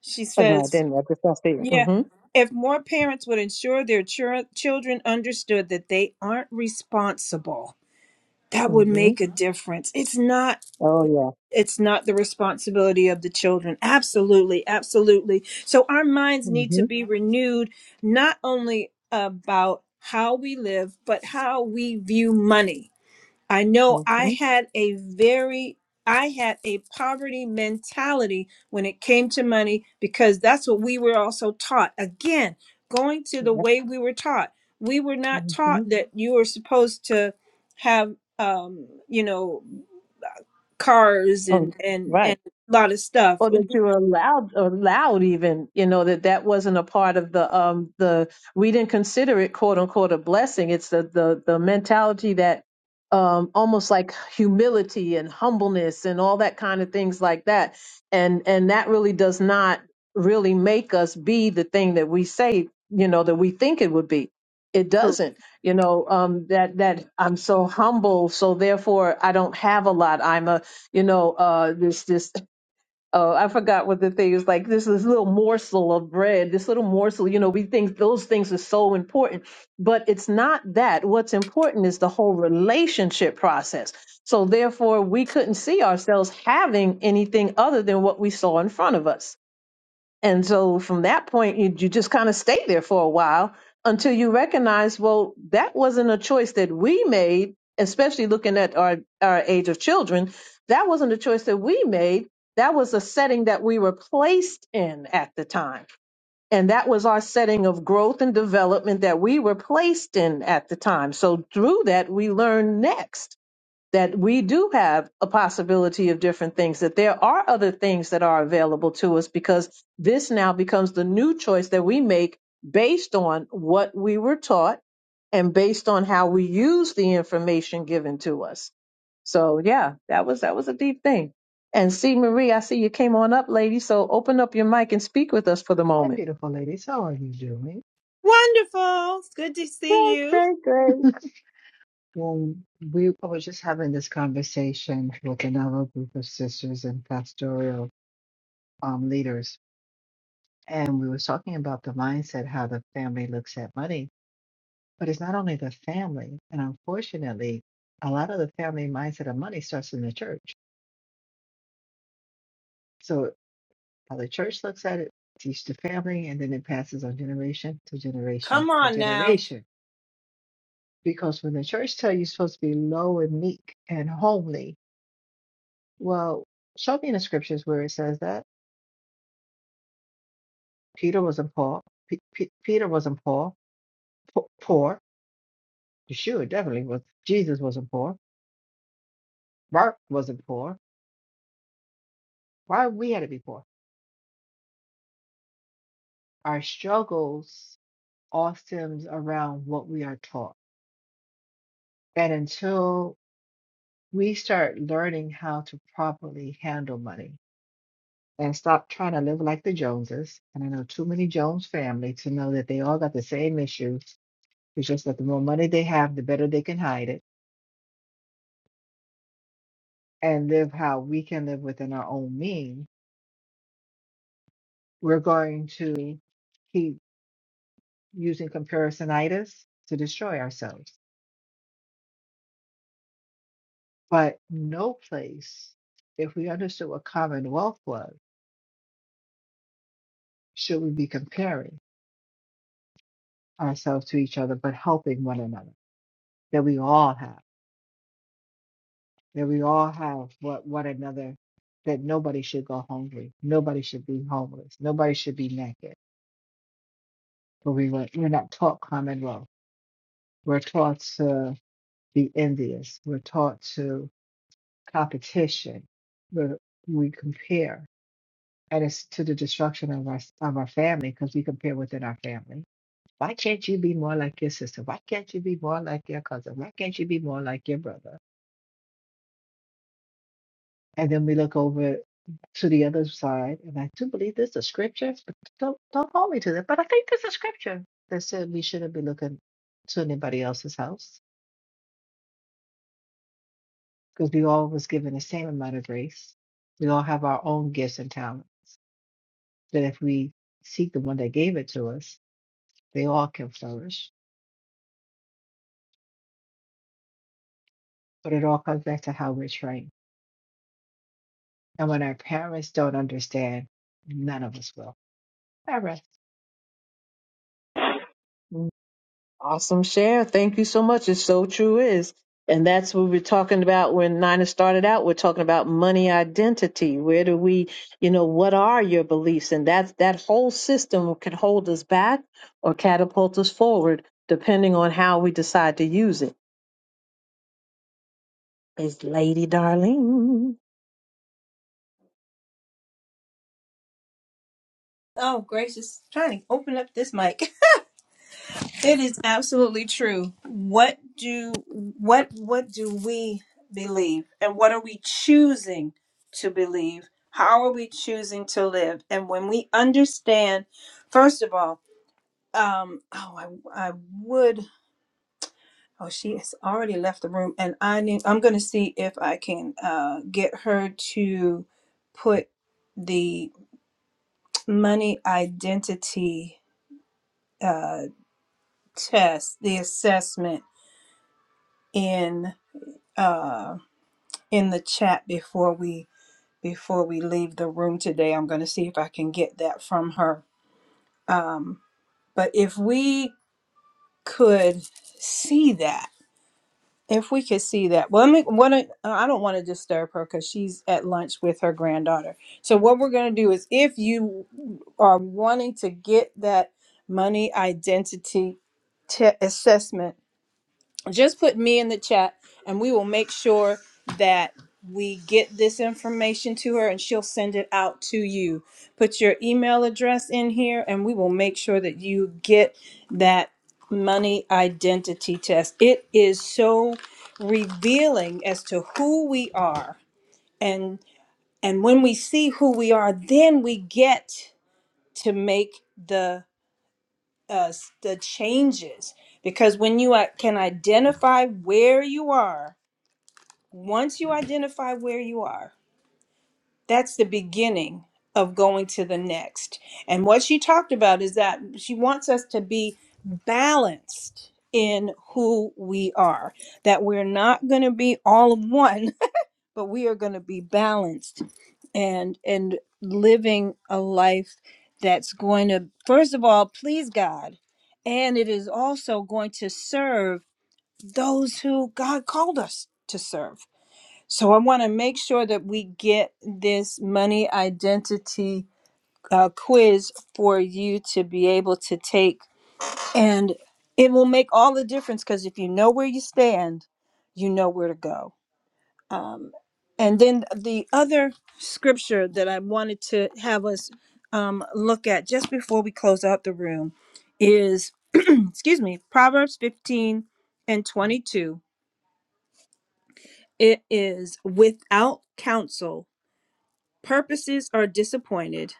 A: She
B: Oh, no, I
A: says,
B: didn't. I just don't see it.
A: yeah,
B: Mm-hmm.
A: if more parents would ensure their chur- children understood that they aren't responsible, that would
B: Mm-hmm.
A: make a difference. It's not
B: Oh, yeah.
A: it's not the responsibility of the children. Absolutely, absolutely. So our minds need
B: Mm-hmm.
A: to be renewed not only about how we live, but how we view money I know
B: Mm-hmm.
A: I had a very I had a poverty mentality when it came to money because that's what we were also taught. Again, going to the
B: Yep.
A: way we were taught. We were not
B: Mm-hmm.
A: taught that you were supposed to have um, you know, cars and
B: Oh,
A: and
B: right.
A: and a lot of stuff.
B: or that you were allowed allowed even you know that that wasn't a part of the um the we didn't consider it quote unquote a blessing it's the the the mentality that um almost like humility and humbleness and all that kind of things like that and and that really does not really make us be the thing that we say you know that we think it would be it
A: Correct.
B: doesn't you know um that that i'm so humble so therefore i don't have a lot i'm a you know uh this this Oh, I forgot what the thing is like. This this little morsel of bread, this little morsel. You know, we think those things are so important, but it's not that. What's important is the whole relationship process. So therefore, we couldn't see ourselves having anything other than what we saw in front of us. And so from that point, you, you just kind of stay there for a while until you recognize, well, that wasn't a choice that we made, especially looking at our, our age of children. That wasn't a choice that we made. That was a setting that we were placed in at the time. And that was our setting of growth and development that we were placed in at the time. So through that, we learn next that we do have a possibility of different things, that there are other things that are available to us because this now becomes the new choice that we make based on what we were taught and based on how we use the information given to us. So yeah, that was that was a deep thing. And see Marie, I see you came on up, lady. So open up your mic and speak with us for the
D: Hi,
B: moment.
D: beautiful ladies. How are you doing?
A: Wonderful. It's good to see
B: Great,
A: you.
B: great, great.
D: Well, we I was just having this conversation with another group of sisters and pastoral um, leaders, and we were talking about the mindset, how the family looks at money. But it's not only the family, and unfortunately, a lot of the family mindset of money starts in the church. So how the church looks at it, teach the family, and then it passes on generation to generation
A: Come
D: to
A: on now.
D: generation. Because when the church tell you you're supposed to be low and meek and homely, Well, show me in the scriptures where it says that Peter wasn't poor. P- P- Peter wasn't poor. Po- poor. Yeshua definitely was. Jesus wasn't poor. Mark wasn't poor. Why we had to be poor? Our struggles all stems around what we are taught, and until we start learning how to properly handle money and stop trying to live like the Joneses, and I know too many Jones family to know that they all got the same issues. It's just that the more money they have, the better they can hide it and live how we can live within our own means, we're going to keep using comparisonitis to destroy ourselves. But no place, if we understood what commonwealth was, should we be comparing ourselves to each other, but helping one another, that we all have, that we all have what one another, that nobody should go hungry, nobody should be homeless, nobody should be naked. But we were, we're not taught commonwealth. We're taught to the envious. We're taught to competition. We're, we compare, and it's to the destruction of our of our family because we compare within our family. Why can't you be more like your sister? Why can't you be more like your cousin? Why can't you be more like your brother? And then we look over to the other side, and I do believe this is scripture, but don't don't hold me to that. But I think this is scripture that said we shouldn't be looking to anybody else's house because we all was given the same amount of grace. We all have our own gifts and talents that if we seek the one that gave it to us, they all can flourish. But it all comes back to how we're trained. And when our parents don't understand, none of us will. However,
B: Awesome share. Thank you so much. It's so true is. And that's what we are talking about when Nina started out. We're talking about money identity. Where do we, you know, what are your beliefs? And that that whole system can hold us back or catapult us forward, depending on how we decide to use it. It's Lady Darlene.
A: Oh, gracious. Trying to open up this mic. It is absolutely true. What do what what do we believe and what are we choosing to believe? How are we choosing to live? And when we understand, first of all, um, oh, I, I would. Oh, she has already left the room, and I need, I'm going to see if I can uh, get her to put the money identity uh, test, the assessment in. Uh, in the chat before we before we leave the room today. I'm going to see if I can get that from her. Um, but if we could see that, if we could see that, well, let me. What I, I don't want to disturb her because she's at lunch with her granddaughter. So what we're going to do is, if you are wanting to get that money identity te- assessment just put me in the chat and we will make sure that we get this information to her and she'll send it out to you. Put your email address in here and we will make sure that you get that money identity test. It is so revealing as to who we are and and when we see who we are, then we get to make the us the changes because when you i- can identify where you are, once you identify where you are, that's the beginning of going to the next. And what she talked about is that she wants us to be balanced in who we are, that we're not going to be all of one but we are going to be balanced and and living a life that's going to first of all please God and it is also going to serve those who God called us to serve. So I want to make sure that we get this money identity uh, quiz for you to be able to take and it will make all the difference because if you know where you stand, you know where to go um, and then the other scripture that I wanted to have us um, look at just before we close out the room is, excuse me, Proverbs 15 and 22. It is without counsel, purposes are disappointed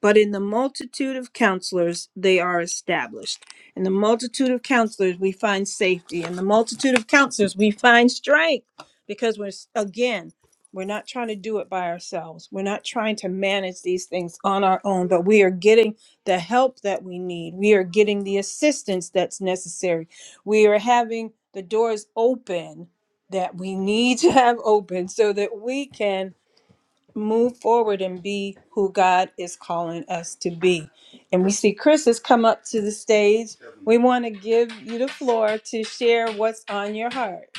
A: but in the multitude of counselors they are established. In the multitude of counselors we find safety. In the multitude of counselors we find strength because we're, again, we're not trying to do it by ourselves. We're not trying to manage these things on our own, but we are getting the help that we need. We are getting the assistance that's necessary. We are having the doors open that we need to have open so that we can move forward and be who God is calling us to be. And we see Chris has come up to the stage. We want to give you the floor to share what's on your heart.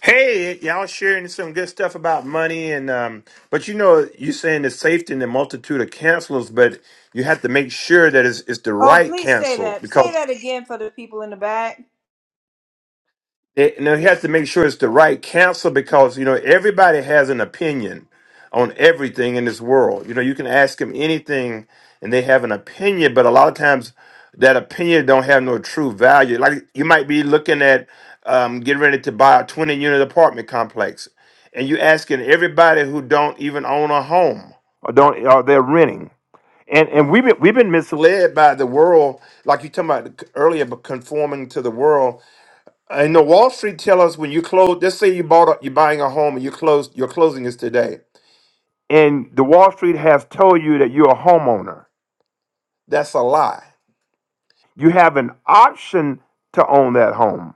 E: Hey, y'all sharing some good stuff about money and um but you know you saying the safety in the multitude of cancels, but you have to make sure that it's, it's the
A: Oh,
E: right
A: please say
E: cancel
A: that. Say
E: because
A: that again for the people in the back.
E: It, now he has to make sure it's the right counsel because you know everybody has an opinion on everything in this world. You know, you can ask them anything and they have an opinion, but a lot of times that opinion don't have no true value. Like you might be looking at um, getting ready to buy a twenty unit apartment complex, and you asking everybody who don't even own a home or don't or they're renting. And, and we've been, we've been misled by the world, like you talking about earlier, but conforming to the world I know Wall Street tell us when you close, let's say you bought a, you're buying a home and you close your closing is today. And the Wall Street has told you that you're a homeowner. That's a lie. You have an option to own that home.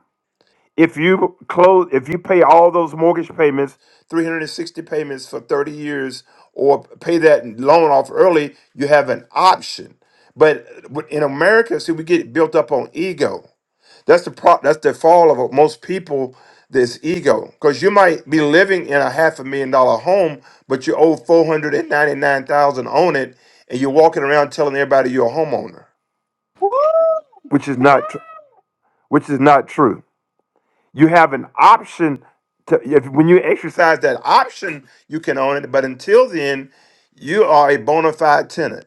E: If you close if you pay all those mortgage payments, 360 payments for 30 years or pay that loan off early, you have an option. But in America, see we get built up on ego That's the pro- that's the fall of most people. This ego, because you might be living in a half a million dollar home, but you owe four hundred and ninety nine thousand on it, and you're walking around telling everybody you're a homeowner,
A: Woo!
E: which is not tr- which is not true. You have an option to if when you exercise that option, you can own it, but until then, you are a bona fide tenant.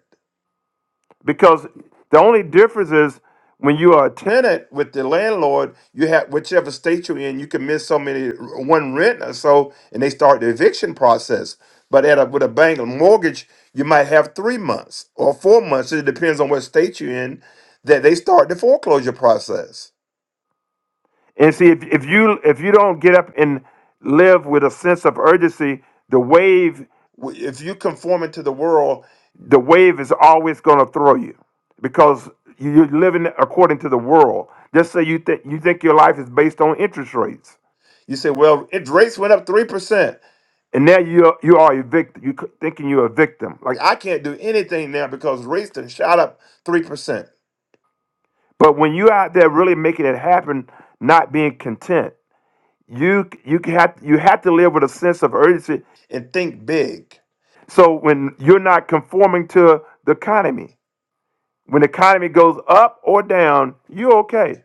E: because the only difference is when you are a tenant with the landlord, you have whichever state you're in, you can miss so many one rent or so, and they start the eviction process. But at a, with a bank mortgage, you might have three months or four months. It depends on what state you're in that they start the foreclosure process. And see, if, if you if you don't get up and live with a sense of urgency, the wave, if you conform it to the world, the wave is always going to throw you because you- are living according to the world. Just say you think you think your life is based on interest rates, You say, well, it rates went up three percent. and now you you are a victim. You thinking you're a victim. Like, I can't do anything now because rates done shot up three percent. but when you're out there really making it happen, not being content. You you have you have to live with a sense of urgency and think big. So when you're not conforming to the economy, when the economy goes up or down, you're okay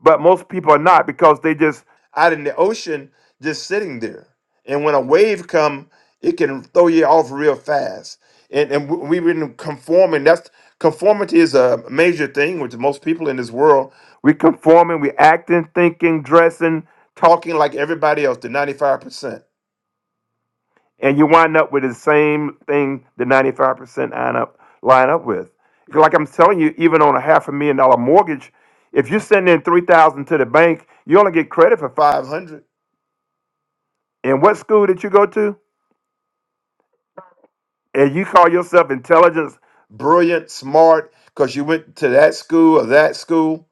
E: but most people are not because they just out in the ocean just sitting there and when a wave come it can throw you off real fast and and we- we've been conforming that's conformity is a major thing with most people in this world we conforming we acting thinking dressing talking like everybody else the 95% and you wind up with the same thing the 95% line up, line up with. Like I'm telling you, even on a half a million dollar mortgage, if you're sending in 3000 to the bank, you only get credit for 500. And what school did you go to? And you call yourself intelligent, brilliant, smart because you went to that school or that school.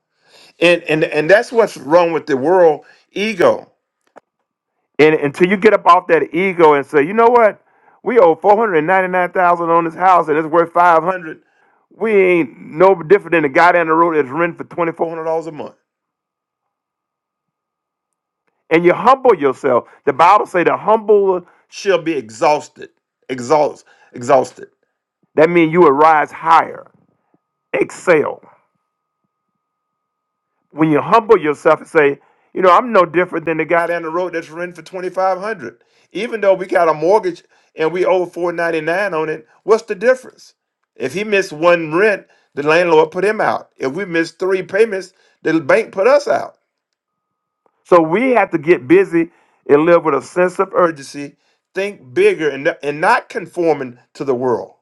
E: And, and and that's what's wrong with the world ego. And until you get up off that ego and say, you know what? We owe 499,000 on this house and it's worth 500 We ain't no different than the guy down the road that's renting for twenty four hundred dollars a month. And you humble yourself. The Bible say the humble shall be exhausted, exhaust, exhausted. That means you will rise higher, excel. When you humble yourself and say, you know, I'm no different than the guy down the road that's renting for twenty five hundred. dollars. Even though we got a mortgage and we owe four ninety nine on it, what's the difference? If he missed one rent, the landlord put him out. If we missed three payments, the bank put us out. So we have to get busy and live with a sense of urgency, think bigger, and, and not conforming to the world.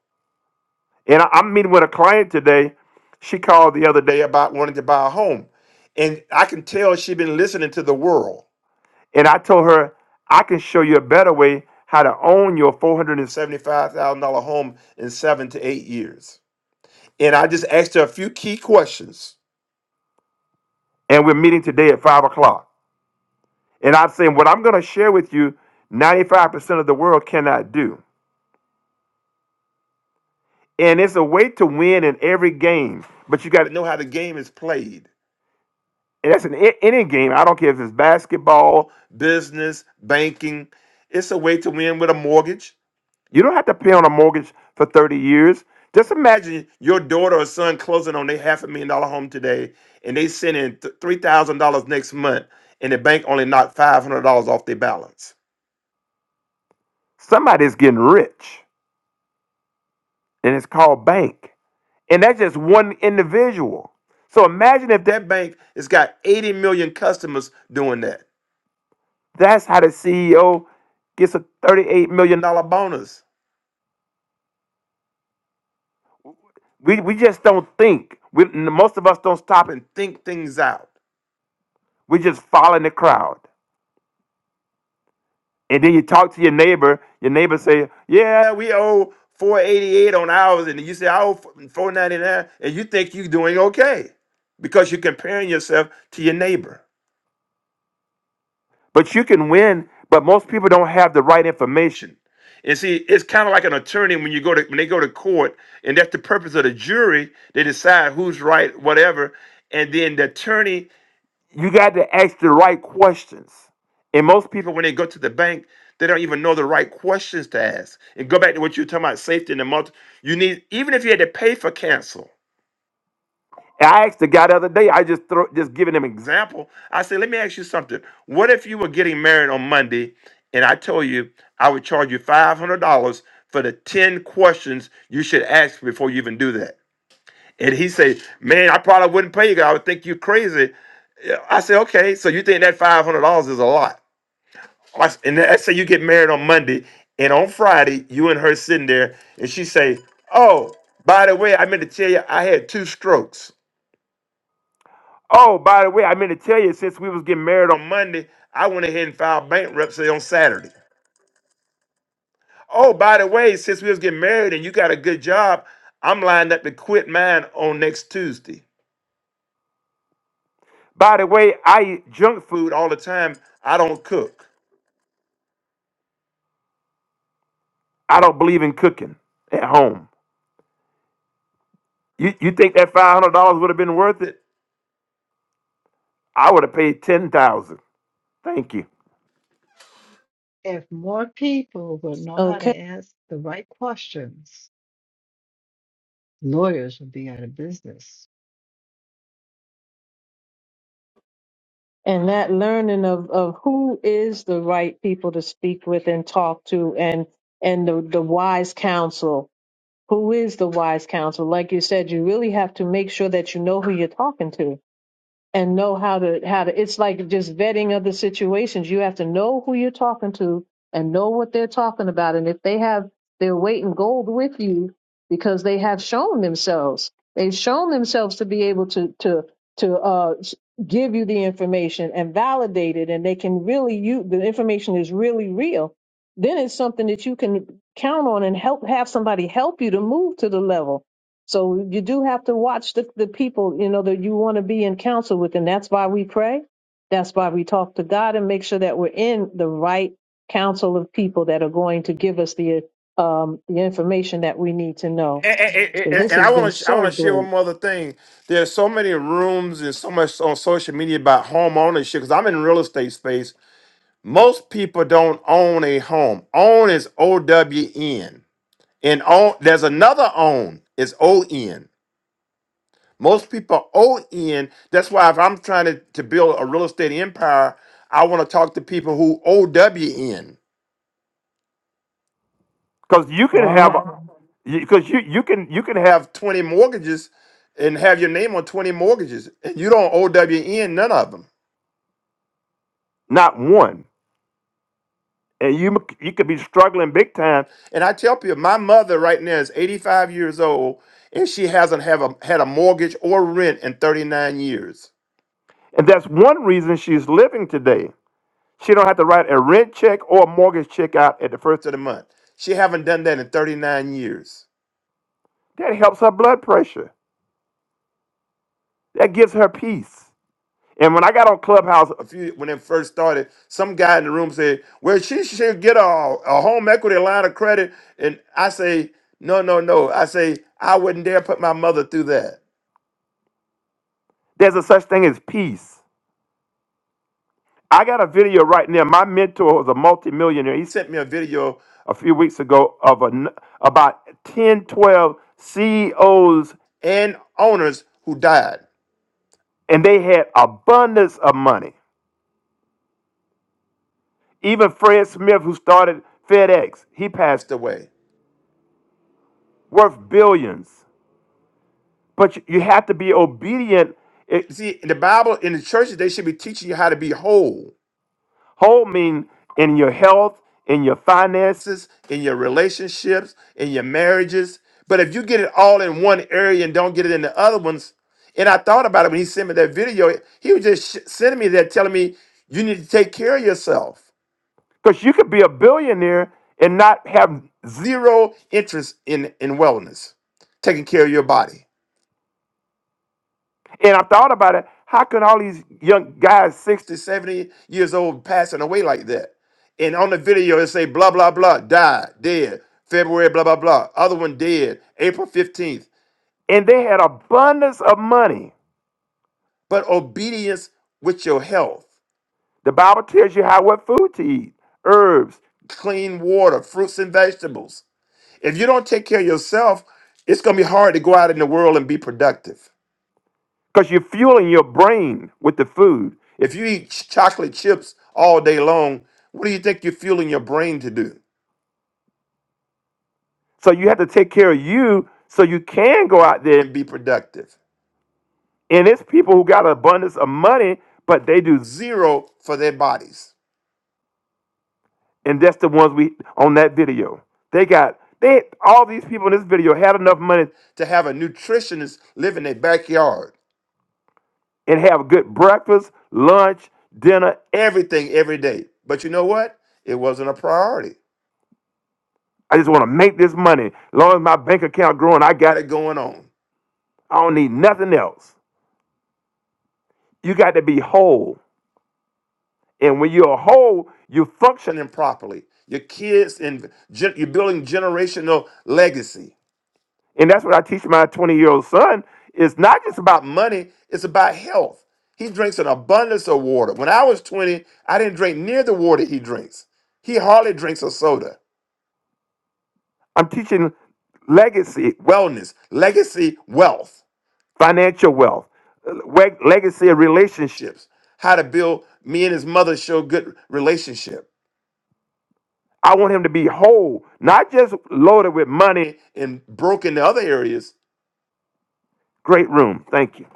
E: And I, I'm meeting with a client today. She called the other day about wanting to buy a home. And I can tell she's been listening to the world. And I told her, I can show you a better way how to own your $475,000 home in seven to eight years. And I just asked her a few key questions. And we're meeting today at five o'clock. And I'm saying what I'm going to share with you, 95% of the world cannot do. And it's a way to win in every game, but you got to know how the game is played. And that's in a- any game. I don't care if it's basketball, business, banking. It's a way to win with a mortgage. You don't have to pay on a mortgage for 30 years. Just imagine your daughter or son closing on their half a million dollar home today, and they send in th- $3,000 next month, and the bank only knocked $500 off their balance. Somebody's getting rich. and it's called bank. And that's just one individual. So imagine if that bank has got 80 million customers doing that. That's how the CEO gets a $38 million dollars bonus. We, we just don't think. We, most of us don't stop and think things out. We just follow in the crowd. And then you talk to your neighbor. Your neighbor say, yeah, we owe 488 on ours. And you say, I owe four ninety-nine," And you think you're doing okay because you're comparing yourself to your neighbor. But you can win, but most people don't have the right information. And see, it's kind of like an attorney when you go to when they go to court, and that's the purpose of the jury. They decide who's right, whatever, and then the attorney, you got to ask the right questions. And most people, when they go to the bank, they don't even know the right questions to ask. And go back to what you were talking about, safety and the multi. You need even if you had to pay for cancel. And I asked the guy the other day, I just throw, just giving him example. I said, let me ask you something. What if you were getting married on Monday and I told you I would charge you $500 for the 10 questions you should ask before you even do that? And he said, man, I probably wouldn't pay you. I would think you're crazy. I said, okay, so you think that $500 is a lot? I s- And let's say you get married on Monday and on Friday, you and her sitting there and she say, oh, by the way, I meant to tell you I had two strokes. Oh, by the way, I meant to tell you, since we was getting married on Monday, I went ahead and filed bankruptcy on Saturday. Oh, by the way, since we was getting married and you got a good job, I'm lined up to quit mine on next Tuesday. By the way, I eat junk food all the time. I don't cook. I don't believe in cooking at home. You you think that five hundred dollars would have been worth it? I would have paid ten thousand. Thank you.
D: if more people would know how
B: Okay.
D: to ask the right questions, lawyers would be out of business.
B: And that learning of, of who is the right people to speak with and talk to and and the, the wise counsel Who is the wise counsel? Like you said, you really have to make sure that you know who you're talking to and know how to how to it's like just vetting other situations you have to know who you're talking to and know what they're talking about and if they have their weight in gold with you because they have shown themselves they've shown themselves to be able to to to uh give you the information and validate it and they can really you the information is really real then it's something that you can count on and help have somebody help you to move to the level so you do have to watch the, the people, you know, that you want to be in counsel with. And that's why we pray. That's why we talk to God and make sure that we're in the right council of people that are going to give us the um, the information that we need to know.
E: and, and- and-
B: So
E: and-
B: this
E: I
B: has been
E: want to I
B: so
E: want to share one
B: great.
E: more other thing. There's so many rooms and so much on social media about home ownership because I'm in real estate space. Most people don't own a home. Own is O W N, and own there's another own is O N. Most people O N. That's why if I'm trying to, to build a real estate empire, I want to talk to people who O W N. Because you can
B: All
E: have,
B: right.
E: because you you can you can have twenty mortgages, and have your name on twenty mortgages, and you don't OWN none of them, not one. And you m- you could be struggling big time. And I tell people, my mother right now is eighty five years old, and she hasn't have a had a mortgage or rent in thirty nine years. And that's one reason she's living today. She don't have to write a rent check or a mortgage check out at the first of the month. She haven't done that in thirty nine years. That helps her blood pressure. That gives her peace. And when I got on Clubhouse a few when it first started, some guy in the room said, "Well, she should get a, a home equity line of credit." And I say, "No, no, no." I say, "I wouldn't dare put my mother through that." There's a such thing as peace. I got a video right now. My mentor was a multimillionaire. He sent me a video a few weeks ago of a n about ten, twelve 12 CEOs and owners who died, and they had abundance of money Even Fred Smith, who started FedEx, he passed away, worth billions. But you you have to be obedient. It, see, in the Bible, in the churches, they should be teaching you how to be whole. whole mean in your health, in your finance. finances, in your relationships, in your marriages. But if you get it all in one area and don't get it in the other ones, and I thought about it when he sent me that video, he was just sh- sending me that telling me you need to take care of yourself. Because you could be a billionaire and not have zero interest in, in wellness, taking care of your body. And I thought about it. How can all these young guys, 60, 70 years old, passing away like that? And on the video, it say blah, blah, blah, died, dead, February, blah, blah, blah. Other one dead, April 15th. And they had abundance of money. But obedience with your health. The Bible tells you how, what food to eat, herbs, clean water, fruits and vegetables. If you don't take care of yourself, it's going to be hard to go out in the world and be productive because you're fueling your brain with the food. If you eat ch- chocolate chips all day long, what do you think you're fueling your brain to do? So you have to take care of you so you can go out there and be productive. And it's people who got abundance of money, but they do zero for their bodies. And that's the ones we on that video. They got they all these people in this video had enough money to have a nutritionist live in their backyard. and have good breakfast, lunch, dinner, everything every day. But you know what? It wasn't a priority. I just want to make this money. As long as my bank account growing, I got it going on. I don't need nothing else. You got to be whole. And when you're whole, you're functioning properly. Your kids and gen- you're building generational legacy. And that's what I teach my 20 year old son. It's not just about money, it's about health. He drinks an abundance of water. When I was 20, I didn't drink near the water he drinks. He hardly drinks a soda. I'm teaching legacy wellness, legacy wealth, financial wealth, we- legacy of relationships, how to build me and his mother show good relationship. I want him to be whole, not just loaded with money and broken in other areas. Great room. Thank you.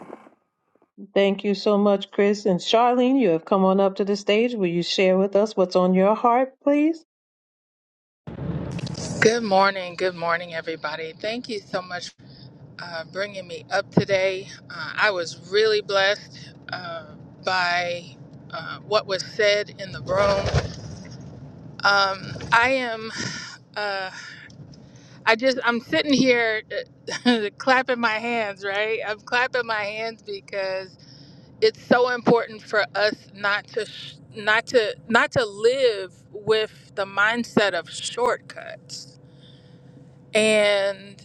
B: Thank you so much, Chris. And Charlene, you have come on up to the stage. Will you share with us what's on your heart, please?
F: Good morning. Good morning, everybody. Thank you so much for uh, bringing me up today. Uh, I was really blessed uh, by uh, what was said in the room. Um, I am, uh, I just, I'm sitting here uh, clapping my hands, right? I'm clapping my hands because it's so important for us not to, sh- not to, not to live with the mindset of shortcuts. and.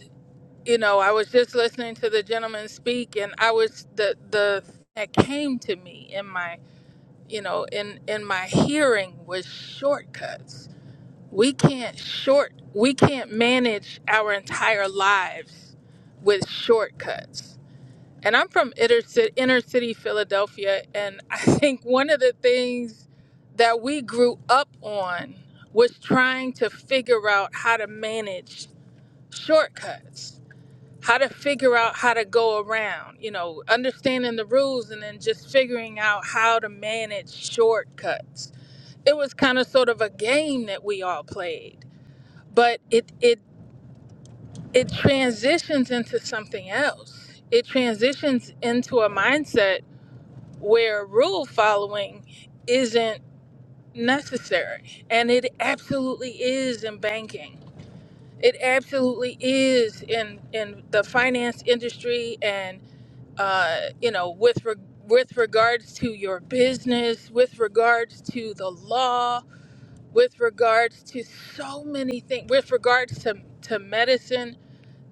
F: you know, I was just listening to the gentleman speak, and I was the the thing that came to me in my you know in in my hearing was shortcuts. We can't short we can't manage our entire lives with shortcuts. And I'm from inner city, inner city Philadelphia, and I think one of the things that we grew up on was trying to figure out how to manage shortcuts how to figure out how to go around, you know, understanding the rules and then just figuring out how to manage shortcuts. It was kind of sort of a game that we all played, but it it it transitions into something else. It transitions into a mindset where rule following isn't necessary, and it absolutely is in banking. It absolutely is in in the finance industry and. uh, you know, with re- with regards to your business, with regards to the law, with regards to so many things, with regards to to medicine,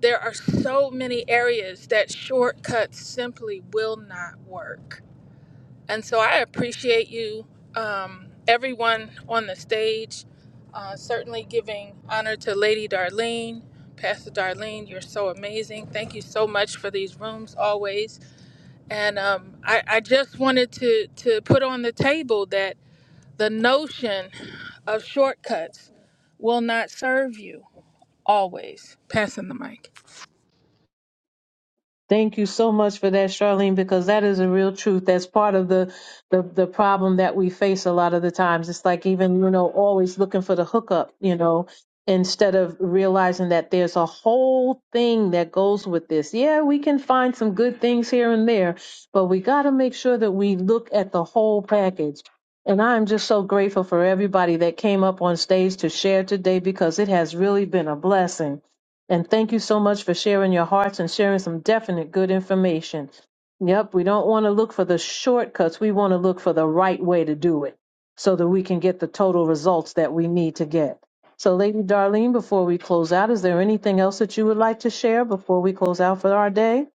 F: there are so many areas that shortcuts simply will not work. And so I appreciate you, um, everyone on the stage, uh, certainly giving honor to Lady Darlene. Pastor Darlene, you're so amazing. Thank you so much for these rooms always and um, I, I just wanted to, to put on the table that the notion of shortcuts will not serve you always. Passing the mic.
B: Thank you so much for that, Charlene, because that is a real truth. That's part of the, the the problem that we face a lot of the times. It's like even you know always looking for the hookup, you know, instead of realizing that there's a whole thing that goes with this. Yeah, we can find some good things here and there, but we got to make sure that we look at the whole package. And I'm just so grateful for everybody that came up on stage to share today because it has really been a blessing. And thank you so much for sharing your hearts and sharing some definite good information. Yep, we don't want to look for the shortcuts. We want to look for the right way to do it so that we can get the total results that we need to get. So, Lady Darlene, before we close out, is there anything else that you would like to share before we close out for our day?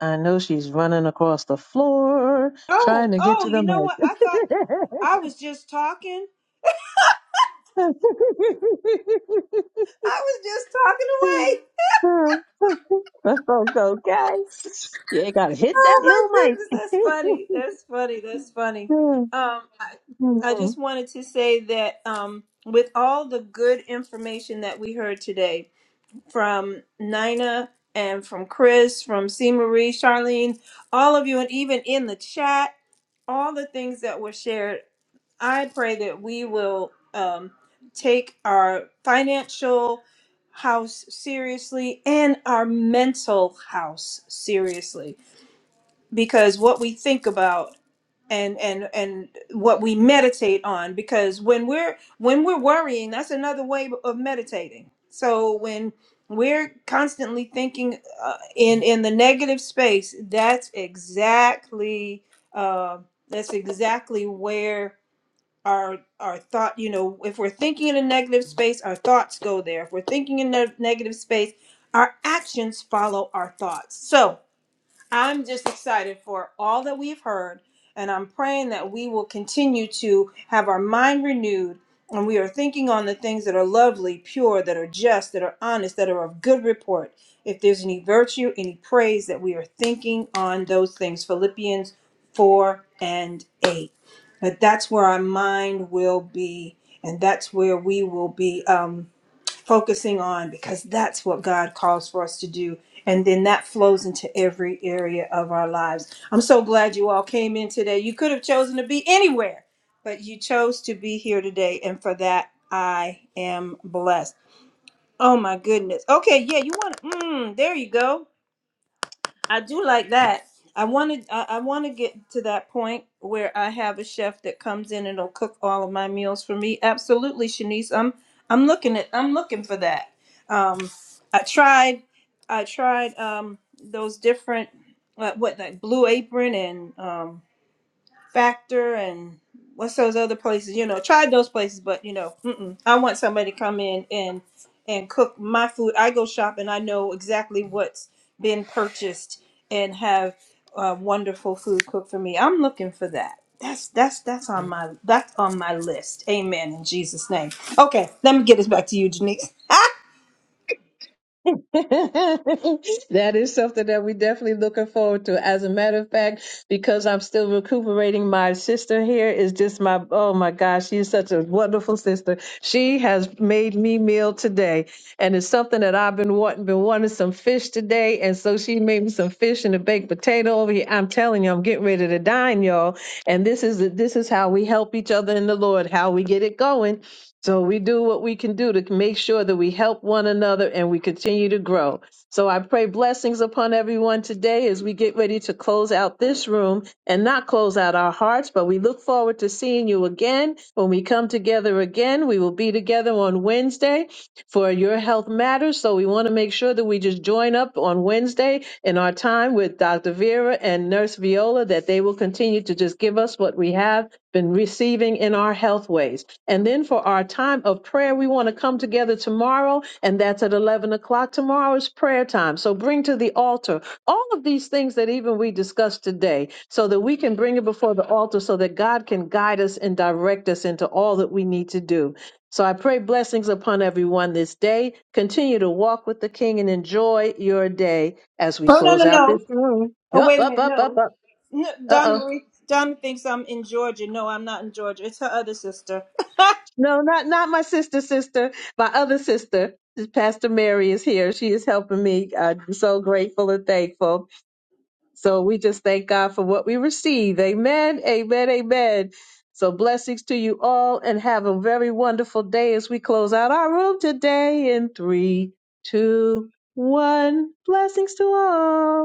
B: I know she's running across the floor
A: Oh,
B: trying to get
A: oh,
B: to the
A: you know what? I thought I was just talking.
B: mic.
A: I was just talking
B: Let's
A: away.
B: go, guys. You ain't gotta hit
A: Oh my
B: that
A: goodness, that's funny. That's funny. That's funny.
B: little
A: Um, I,
B: mic.
A: I just wanted to say that um, with all the good information that we heard today from Nina and from Chris, from C. Marie, Charlene, all of you, and even in the chat, all the things that were shared, I pray that we will um, take our financial house seriously and our mental house seriously because what we think about and and and what we meditate on because when we're when we're worrying that's another way of meditating so when we're constantly thinking uh, in in the negative space that's exactly uh, that's exactly where our our thought you know if we're thinking in a negative space our thoughts go there if we're thinking in a negative space our actions follow our thoughts so I'm just excited for all that we've heard, and I'm praying that we will continue to have our mind renewed and we are thinking on the things that are lovely, pure, that are just, that are honest, that are of good report. If there's any virtue, any praise, that we are thinking on those things. Philippians 4 and 8. But that's where our mind will be, and that's where we will be. Um, focusing on because that's what God calls for us to do. And then that flows into every area of our lives. I'm so glad you all came in today. You could have chosen to be anywhere, but you chose to be here today. And for that, I am blessed. Oh my goodness. Okay, yeah, you want to, mm, there you go. I do like that. I wanted I, I want to get to that point where I have a chef that comes in and will cook all of my meals for me. Absolutely, Shanice. I'm I'm looking at I'm looking for that. Um, I tried I tried um, those different uh, what like Blue Apron and um, Factor and what's those other places? You know, tried those places, but you know, mm-mm. I want somebody to come in and and cook my food. I go shop and I know exactly what's been purchased and have uh, wonderful food cooked for me. I'm looking for that. That's that's that's on my that's on my list. Amen in Jesus' name. Okay, let me get this back to you, Janice. Ah,
B: that is something that we're definitely looking forward to. As a matter of fact, because I'm still recuperating, my sister here is just my oh my gosh, she is such a wonderful sister. She has made me meal today, and it's something that I've been wanting. Been wanting some fish today, and so she made me some fish and a baked potato over here. I'm telling you, I'm getting ready to dine, y'all. And this is this is how we help each other in the Lord, how we get it going so we do what we can do to make sure that we help one another and we continue to grow. So I pray blessings upon everyone today as we get ready to close out this room and not close out our hearts, but we look forward to seeing you again. When we come together again, we will be together on Wednesday for Your Health Matters. So we want to make sure that we just join up on Wednesday in our time with Dr. Vera and Nurse Viola, that they will continue to just give us what we have been receiving in our health ways. And then for our time of prayer, we want to come together tomorrow, and that's at 11 o'clock. Tomorrow is prayer time. So bring to the altar all of these things that even we discussed today so that we can bring it before the altar so that God can guide us and direct us into all that we need to do. So I pray blessings upon everyone this day. Continue to walk with the King and enjoy your day as we
A: Oh no
B: close
A: no
B: out
A: no!
B: this room.
A: Oh
B: Up,
A: wait a
B: up,
A: minute,
B: up, up,
A: no,
B: up.
A: no
B: Uh oh.
A: Donna Marie. Donna thinks I'm in Georgia. No, I'm not in Georgia. It's her other sister.
B: No, not not my sister, sister. My other sister, Pastor Mary, is here. She is helping me. I'm so grateful and thankful. So we just thank God for what we receive. Amen. Amen. Amen. So blessings to you all, and have a very wonderful day as we close out our room today. In three, two, one. Blessings to all.